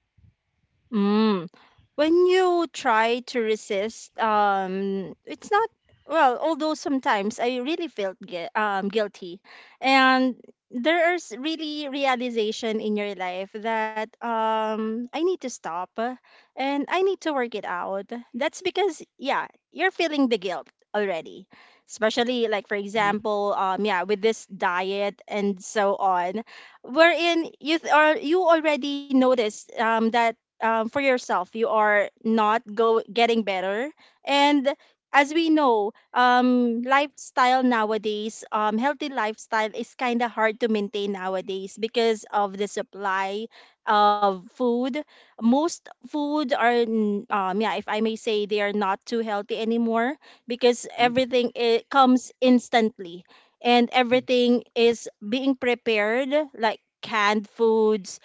Mm. When you try to resist, it's not. Well, although sometimes I really felt guilty, and there is really realization in your life that I need to stop, and I need to work it out. That's because, yeah, you're feeling the guilt already, especially like for
Mm-hmm.
example, yeah, with this diet and so on, wherein you or you already notice that, for yourself, you are not go getting better. And as we know, lifestyle nowadays, healthy lifestyle is kind of hard to maintain nowadays because of the supply of food. Most food are, yeah, if I may say, they are not too healthy anymore because everything it comes instantly, and
Mm-hmm.
everything is being prepared, like canned foods,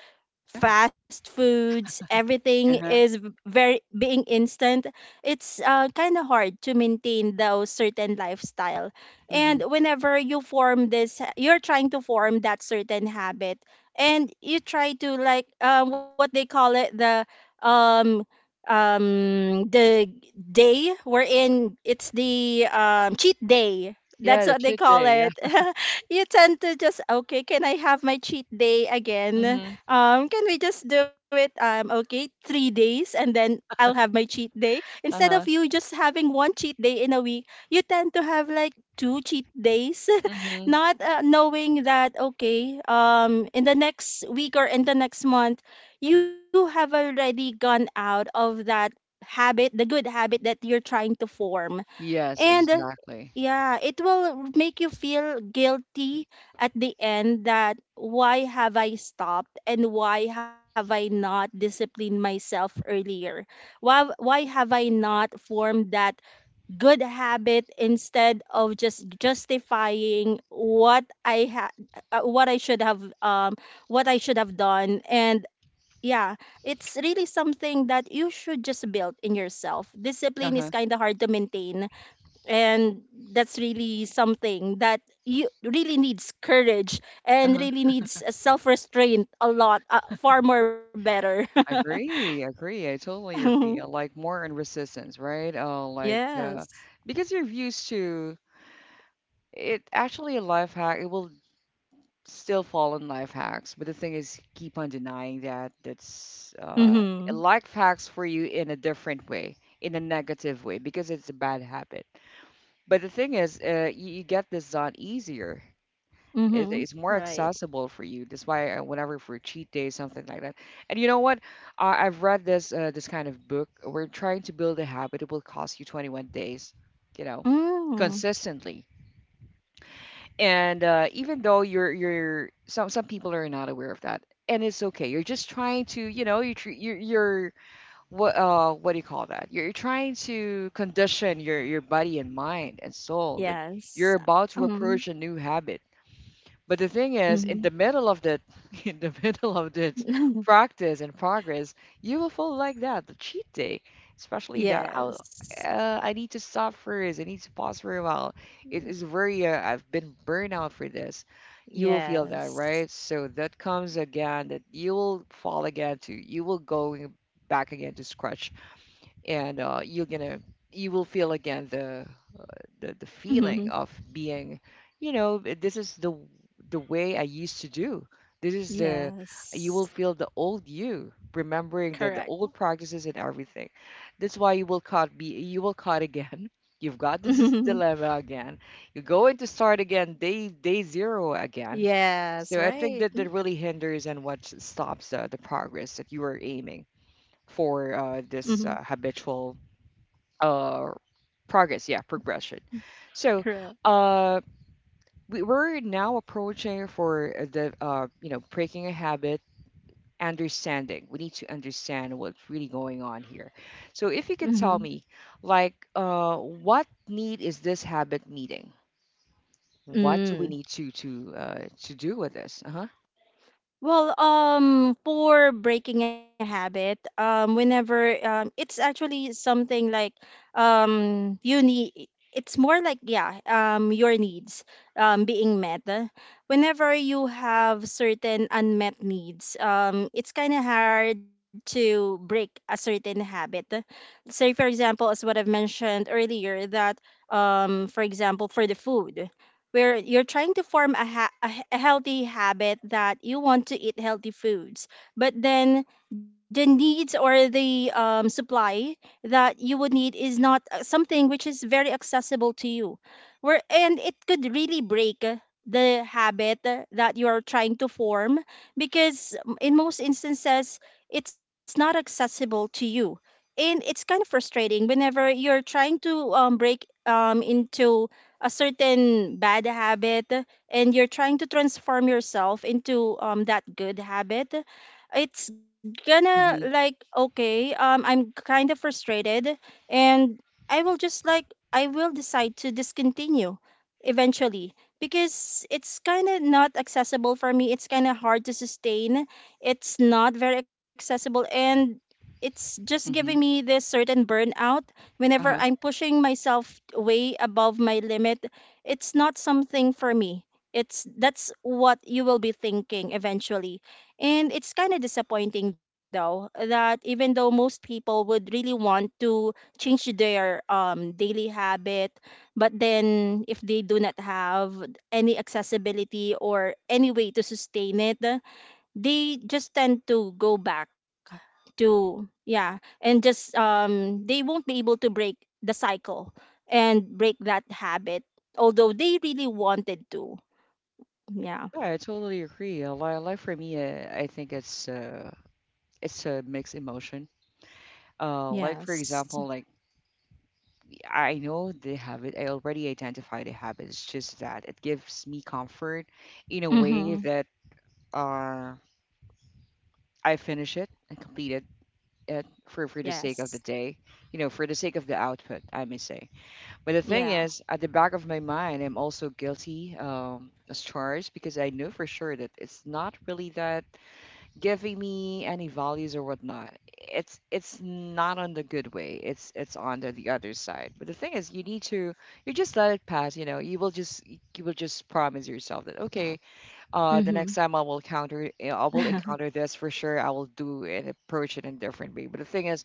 Yeah.
fast foods, everything is
Uh-huh.
very being instant. It's kind of hard to maintain those certain lifestyle.
Mm-hmm.
And whenever you form this, you're trying to form that certain habit, and you try to, like, what they call it, um the day wherein it's the, cheat day,
Yeah,
that's
the
what they
should do.
call
Yeah.
it. You tend to just, okay, can I have my cheat day again?
Mm-hmm.
Can we just do it? Okay, 3 days, and then I'll have my cheat day. Instead of you just having one cheat day in a week, you tend to have like two cheat days,
Uh-huh.
not knowing that, okay, in the next week or in the next month, you have already gone out of that habit, the good habit that you're trying to form,
Yes,
and
exactly.
yeah, it will make you feel guilty at the end. That why have I stopped, and why have I not disciplined myself earlier? Why have I not formed that good habit instead of just justifying what I what I should have what I should have done, and yeah, it's really something that you should just build in yourself. Discipline is
Uh-huh,
kind of hard to maintain, and that's really something that you really needs courage and
uh-huh.
really needs a self restraint, a lot, far more better.
Agree, agree. I totally agree. Like more in resistance, right?
Yes.
Because you're used to it. Actually, a life hack. It will still fall in life hacks, but the thing is, keep on denying that. That's
Mhm.
life hacks for you in a different way, in a negative way, because it's a bad habit. But the thing is, you get this on easier.
Mhm.
It's more
Right.
accessible for you. That's why I, whenever for cheat day, something like that. And you know what? I've read this this kind of book. We're trying to build a habit. It will cost you 21 days, you know,
Mm.
consistently. And even though you're some people are not aware of that, and it's okay. You're just trying to you know you're what do you call that? You're trying to condition your body and mind and soul that
Yes.
you're about to
um
approach a new habit. But the thing is, in
mhm.
the middle of that, in the middle of this practice and progress, you will feel like that, the cheat day, especially that oh,
Yes.
I need to stop first, I need to pause for a while. It is very, I've been burned out for this. You will feel that,
Yes.
right? So that comes again, that you will fall again you will go back again to scratch, and you're gonna, you will feel again the
Mhm.
feeling of being, you know, "Eh, this is the way I used to do. This is the you will
Yes.
feel the old you,
Correct.
remembering the old practices and everything. That's why you will caught be you will caught again. You've got this dilemma again. You're going to start again day zero again.
Yes.
So I think
Right.
that that really hinders and what stops the progress that you are aiming for
Mhm.
this habitual uh, progress, yeah, progression. So
Correct.
uh, we're now approaching for the you know breaking a habit, understanding. We need to understand what's really going on here. So if you could
Mhm.
tell me, like, what need is this habit meeting? What do we
Mm.
need to to do with this? Uh huh.
Well, for breaking a habit, whenever, it's actually something like, you need. It's more like, yeah, your needs being met. Whenever you have certain unmet needs, it's kind of hard to break a certain habit. Say, for example, as what I've mentioned earlier, that, for example, for the food where you're trying to form a, ha- a he- a healthy habit that you want to eat healthy foods, but then the needs or the, supply that you would need is not, something which is very accessible to you, where, and it could really break, the habit, that you are trying to form, because, in most instances it's not accessible to you, and it's kind of frustrating whenever you're trying to, break, into a certain bad habit, and you're trying to transform yourself into, that good habit. It's gonna
Mhm.
like, okay, I'm kind of frustrated, and I will just, like, I will decide to discontinue eventually because it's kind of not accessible for me. It's kind of hard to sustain, it's not very accessible, and it's just giving
Mhm.
me this certain burnout. Whenever
Uh-huh.
I'm pushing myself way above my limit, it's not something for me. It's That's what you will be thinking eventually. And it's kind of disappointing though that even though most people would really want to change their, daily habit, but then if they do not have any accessibility or any way to sustain it, they just tend to go back to, yeah, and just they won't be able to break the cycle and break that habit, although they really wanted to, yeah.
Yeah, I totally agree. Like for me, I think it's a mixed emotion. Like for
Yes.
example, like I know the habit. I already identify the habit. It's just that it gives me comfort in a way
Mhm.
that uh, I finish it and complete it, for the
Yes.
sake of the day, you know, for the sake of the output, I may say. But the thing
Yeah.
is, at the back of my mind, I'm also guilty as charged because I know for sure that it's not really that giving me any values or whatnot. It's not on the good way. It's on the other side. But the thing is, you need to you just let it pass. You know, you will just promise yourself that okay, the next
Mhm.
time I will encounter this for sure. I will do and approach it in a different way. But the thing is,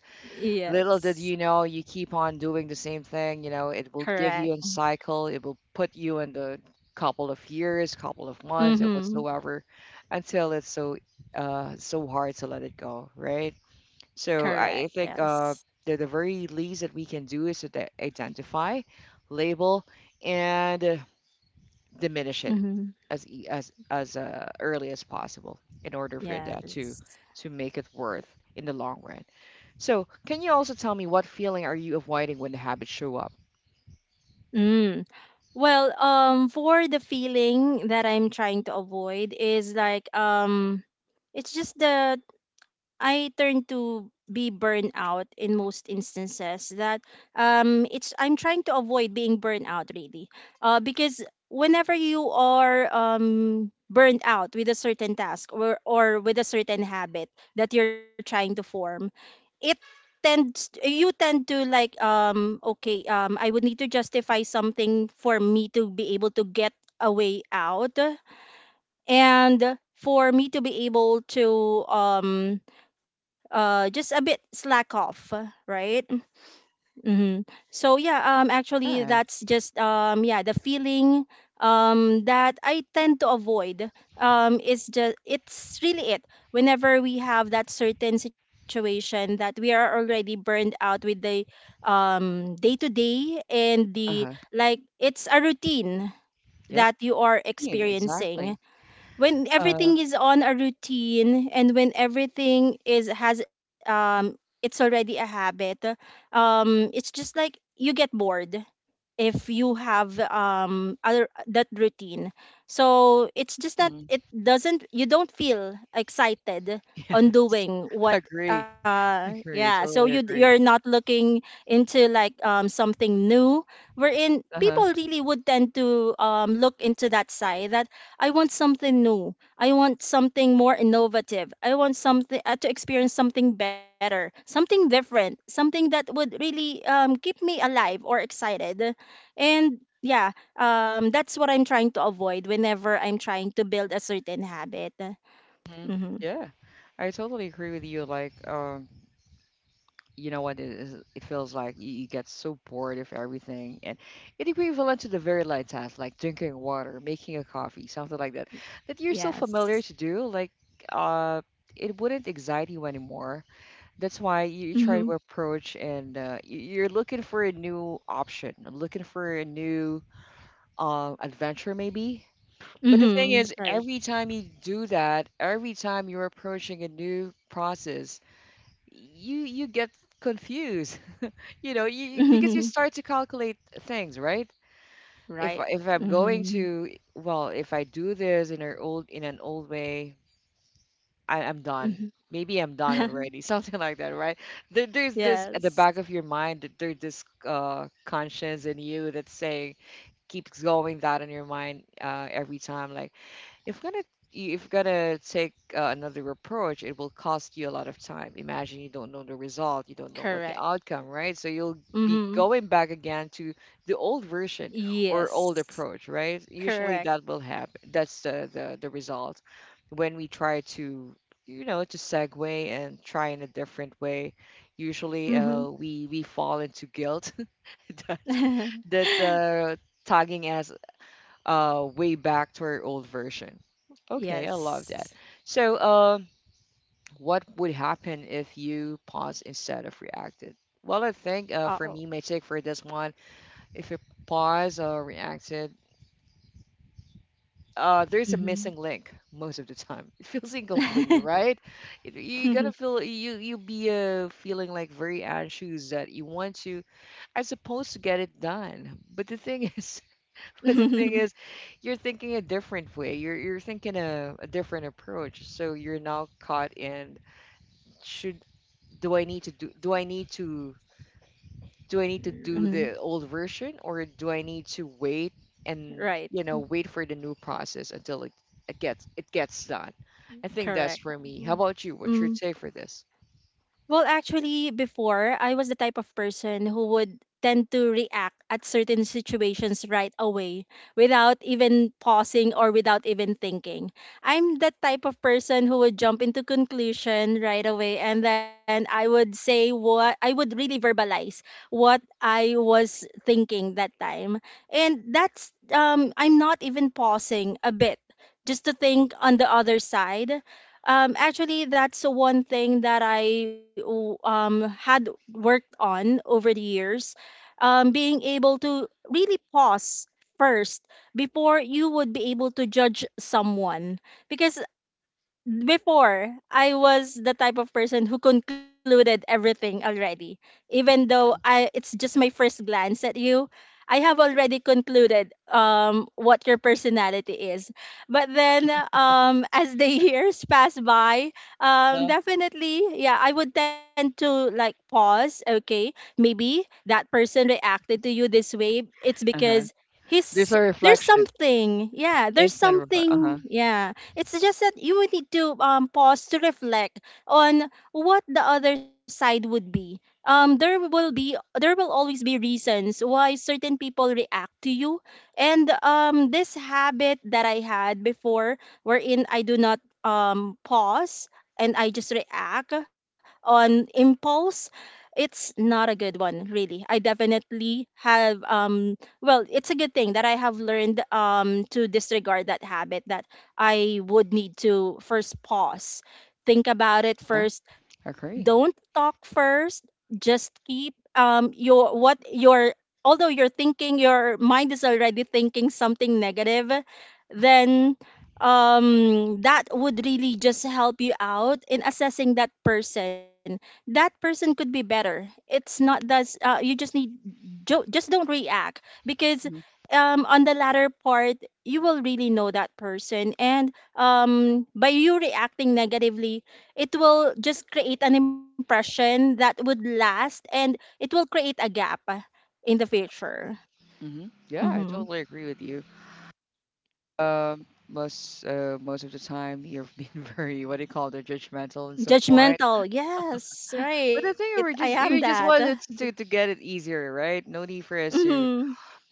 little did you know, you keep on doing the same thing, you know, it will give
Correct.
you a cycle, it will put you in the couple of years, couple of months, and
Mhm.
whatsoever, until it's so so hard to let it go, right? So
Correct.
I I think
Yes.
uh the very least that we can do is to identify, label, and diminish it
Mhm.
as as early as possible in order for
Yes.
that to make it worth in the long run. So, can you also tell me what feeling are you avoiding when the habits show up?
Mm. Well, for the feeling that I'm trying to avoid is like, it's just that I turn to be burned out in most instances. That, it's I'm trying to avoid being burned out really, because whenever you are burned out with a certain task or with a certain habit that you're trying to form, it Tend you tend to, like, okay, I would need to justify something for me to be able to get a way out, and for me to be able to, just a bit slack off, right. Mm-hmm. So yeah, actually,
Yeah.
that's just, yeah, the feeling that I tend to avoid is just, it's really it. Whenever we have that certain situation that we are already burned out with the, day to day and
Uh
the
huh.
like, it's a routine
Yeah.
that you are
Yeah,
experiencing.
exactly.
When
Uh,
everything is on a routine, and when everything is has it's already a habit, it's just like you get bored if you have other that routine, so it's just that
mhm.
it doesn't, you don't feel excited on
Yes.
doing what,
Agree.
yeah,
Agree.
so you
Totally
you're
agree.
not looking into, like, something new, wherein
Uh huh.
people really would tend to, look into that side that I want something new, I want something more innovative, I want something, to experience something better, something different, something that would really, keep me alive or excited. And yeah, that's what I'm trying to avoid whenever I'm trying to build a certain habit.
Hmm.
Mm-hmm.
Yeah. I totally agree with you. Like, you know what it is, it feels like you get so bored of everything and it equivalent to the very light task, like drinking water, making a coffee, something like that, that you're so familiar
Yes.
to do, like uh it wouldn't excite you anymore. That's why you
Mm-hmm.
try to approach, and you're looking for a new option, looking for a new adventure maybe. But the thing
Mm-hmm.
is,
Right.
every time you do that, every time you're approaching a new process, you get confused. You know, you, because you
Mm-hmm.
start to calculate things, right? If
Right.
I'm going
Mm-hmm.
to, well, if I do this in an old, in an old way, I'm done,
Mm-hmm.
maybe I'm done already. Something like that, right? There's this at the
Yes.
back of your mind, that there's this conscience in you that's saying, keeps going that in your mind, every time, like if gonna, if gonna take another approach, it will cost you a lot of time. Imagine you don't know the result, you don't know
Correct.
what the outcome, right? So you'll be
Mm-hmm.
going back again to the old version or old
Yes.
approach, right? Usually that
Correct.
will happen. That's the result when we try to, you know, to segue and try in a different way. Usually, we fall into guilt that
Mm-hmm.
that tagging as way back to our old version. Okay, I love that.
Yes.
So, what would happen if you paused instead of reacted? Well, I think
Oh.
for me, my take for this one, if you pause or reacted, there's a missing
Mm-hmm.
link most of the time. It feels incomplete, right? You're gonna feel you be feeling like very anxious that you want to, I suppose, to get it done. But the thing is, but the thing is, you're thinking a different way. You're thinking a different approach. So you're now caught in should, do I need to, do I need to do
Mhm.
the old version or do I need to wait and,
Right.
you know, wait for the new process until it gets done. I think that's
Correct.
for me. How about you? What's your
Mm.
take for this?
Well, actually, before, I was the type of person who would tend to react at certain situations right away without even pausing or without even thinking. I'm that type of person who would jump into conclusion right away, and then I would say what I would really verbalize what I was thinking that time. And that's, I'm not even pausing a bit just to think on the other side. Actually, that's one thing that I had worked on over the years. Being able to really pause first before you would be able to judge someone. Because before, I was the type of person who concluded everything already. Even though I it's just my first glance at you, I have already concluded what your personality is. But then, as the years pass by,
Yeah.
definitely, yeah, I would tend to, like, pause, okay? Maybe that person reacted to you this way. It's
Uh-huh.
because
There's
he's
a
there's
reflection.
something. Yeah, there's
Instant reflection. Uh-huh.
something. Yeah, it's just that you would need to, pause to reflect on what the other side would be. There will be there will always be reasons why certain people react to you, and, this habit that I had before, wherein I do not, pause, and I just react on impulse. It's not a good one, really. I definitely have, well, it's a good thing that I have learned to disregard that habit, that I would need to first pause, think about it
Uh,
first. Don't
agree.
talk first. Just keep, your, what your although you're thinking, your mind is already thinking something negative, then, that would really just help you out in assessing that person. That person could be better. It's not that, you just need, just don't react, because, on the latter part you will really know that person, and, by you reacting negatively, it will just create an impression that would last, and it will create a gap, in the future.
Mm-hmm. Yeah, I
Hmm.
totally agree with you. Most most of the time you've been very, what do you call it, judgmental at some point.
Judgmental, yes, right,
But I
I
think
am
we just,
that.
wanted to get it easier, right? No need for us to,
Hmm.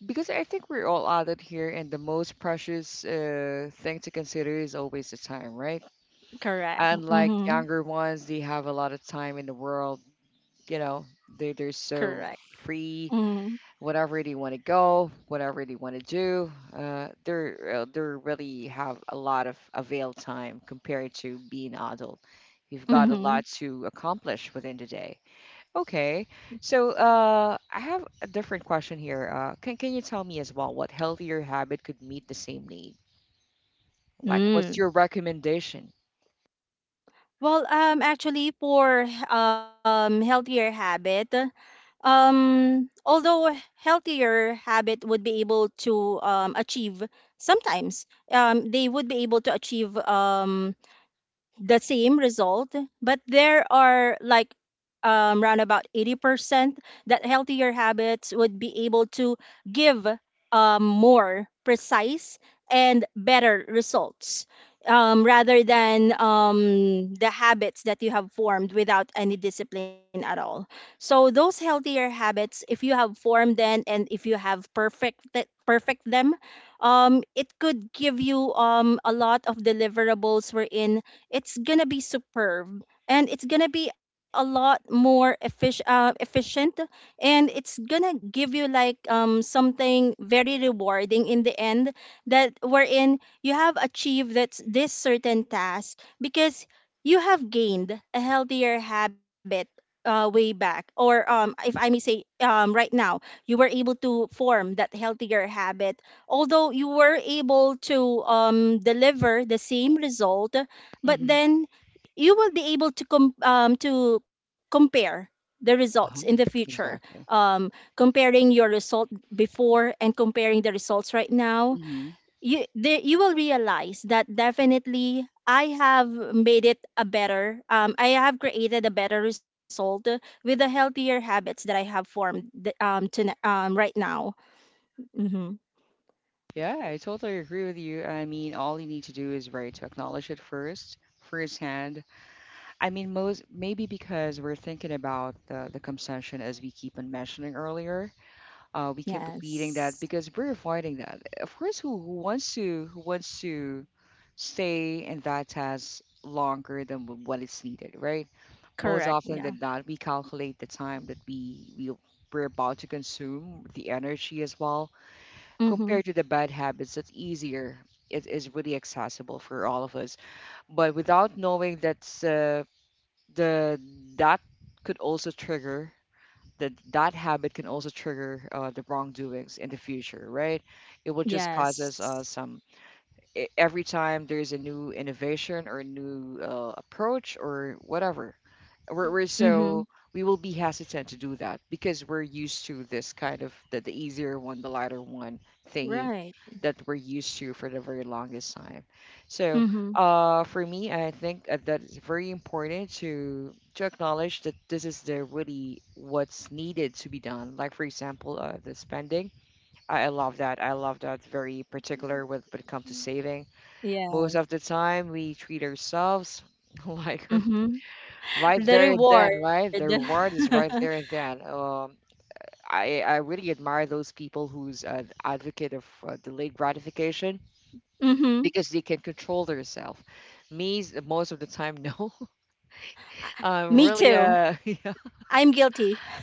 because I think we're all out of here, and the most precious thing to consider is always the time, right?
Correct.
Unlike
Hmm.
younger ones, they have a lot of time in the world. You know, they're
Correct.
so free,
Hmm.
whatever they want to go, whatever they want to do. They're they really have a lot of avail time compared to being adult. You've got a
Hmm.
lot to accomplish within the day. Okay, so I have a different question here. Can you tell me as well what healthier habit could meet the same need? Like, what's
Mm.
your recommendation?
Well, actually, for, healthier habit, although a healthier habit would be able to, achieve, sometimes, they would be able to achieve, the same result, but there are like, around about 80% that healthier habits would be able to give, more precise and better results, rather than, the habits that you have formed without any discipline at all. So those healthier habits, if you have formed them and if you have perfect them, it could give you, a lot of deliverables, wherein it's gonna be superb, and it's gonna be a lot more efficient, and it's gonna give you, like, something very rewarding in the end, that wherein you have achieved that this certain task, because you have gained a healthier habit, way back, or, if I may say, right now, you were able to form that healthier habit, although you were able to, deliver the same result, but
Mm-hmm.
then you will be able to, to compare the results in the
Uh-huh.
future,
Exactly.
um, comparing your result before and comparing the results right now,
Mm-hmm.
you will realize that definitely I have made it a better, I have created a better result with the healthier habits that I have formed, right now. Mm-hmm.
Yeah, I totally agree with you. I mean, all you need to do is, right, to acknowledge it first, firsthand. I mean, most, maybe because we're thinking about the consumption, as we keep on mentioning earlier. We keep repeating
Yes.
that because we're avoiding that. Of course, who wants to, who wants to stay in that task longer than what is needed, right? Most
Correct.
often
Yeah.
than not, we calculate the time that we're about to consume, the energy as well,
Mm-hmm.
compared to the bad habits. That's easier. It is really accessible for all of us, but without knowing that's. The that could also trigger that habit can also trigger the wrongdoings in the future, right? It will just
Yes.
causes some every time there's a new innovation or a new approach or whatever we're
Mm-hmm.
so, we will be hesitant to do that because we're used to this kind of the easier one, the lighter one thingy,
Right.
that we're used to for the very longest time. So
Mm-hmm.
for me I think that it's very important to acknowledge that this is the really what's needed to be done, like for example, the spending. I love that, I love that very particular with when it comes to saving. Most
Yes.
of the time, we treat ourselves like
Mm-hmm.
right
The
there and then,
reward.
right? The reward is right there and then. I really admire those people who's an advocate of delayed gratification,
Mm-hmm.
because they can control themselves. Me, most of the time, no. I'm
Me
really
too.
yeah,
I'm guilty.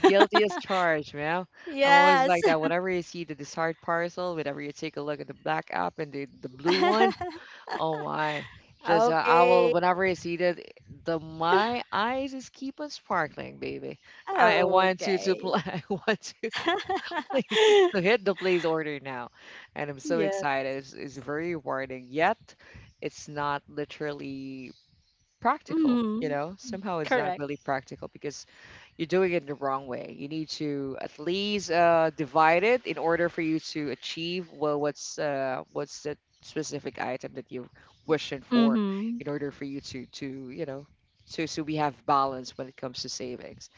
guilty as charged, man. I'm
Yes.
always like that. Whenever you see the desired parcel, whenever you take a look at the black app and the blue one, oh my. Just I will
Okay.
whenever I see that, the my eyes just keep on sparkling, baby. I want to
Okay.
I want to place, to hit the place order now. And I'm so
Yeah.
excited. It's very rewarding. Yet it's not literally practical, you
Mm-hmm.
know? Somehow it's not
Correct.
really practical because you're doing it the wrong way. You need to at least divide it in order for you to achieve well what's the specific item that you're wishing for,
Mm-hmm.
in order for you to you know to, so we have balance when it comes to savings.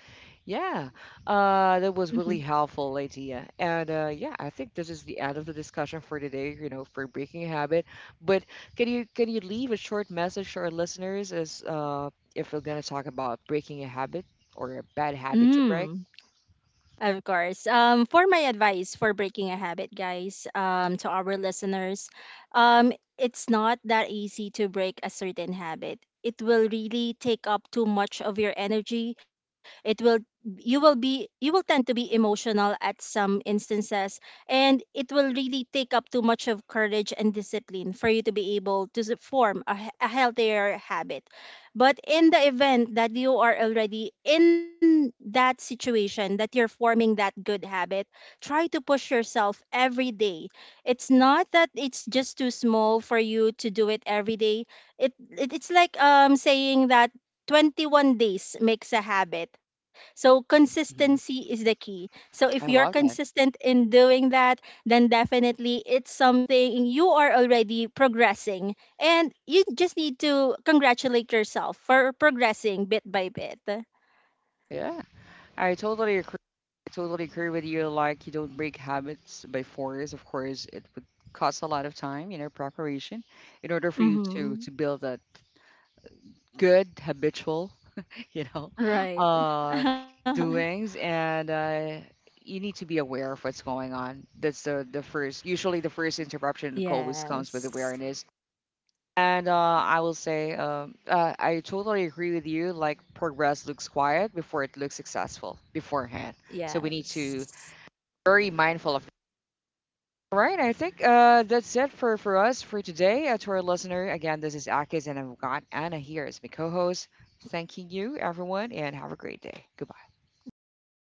Yeah, that was
Mm-hmm.
really helpful idea. And yeah, I think this is the end of the discussion for today, you know, for breaking a habit. But can you leave a short message to our listeners, as if we're gonna talk about breaking a habit or a bad habit to break?
Mm. Of course. For my advice for breaking a habit, guys, to our listeners, it's not that easy to break a certain habit. It will really take up too much of your energy. It will you will be you will tend to be emotional at some instances, and it will really take up too much of courage and discipline for you to be able to form a healthier habit. But in the event that you are already in that situation, that you're forming that good habit, try to push yourself every day. It's not that it's just too small for you to do it every day. It's like, saying that 21 days makes a habit. So consistency
Mhm.
is the key. So if you're
I love that.
consistent in doing that, then definitely it's something you are already progressing, and you just need to congratulate yourself for progressing bit by bit.
Yeah, I totally agree. I totally agree with you. Like, you don't break habits by force. Of course, it would cost a lot of time, you know, preparation in order for you to
Mm-hmm.
build that good habitual you know,
Right.
uh, doings, and you need to be aware of what's going on. That's the first, usually the first interruption always comes with
Yes.
awareness. And I will say, I totally agree with you. Like, progress looks quiet before it looks successful beforehand. So we need to
Yes.
very mindful of. All right, I think that's it for us for today. To our listener, again, this is Akis, and I've got Anna here as my co-host. Thanking you, everyone, and have a great day. Goodbye.
Thank you, guys.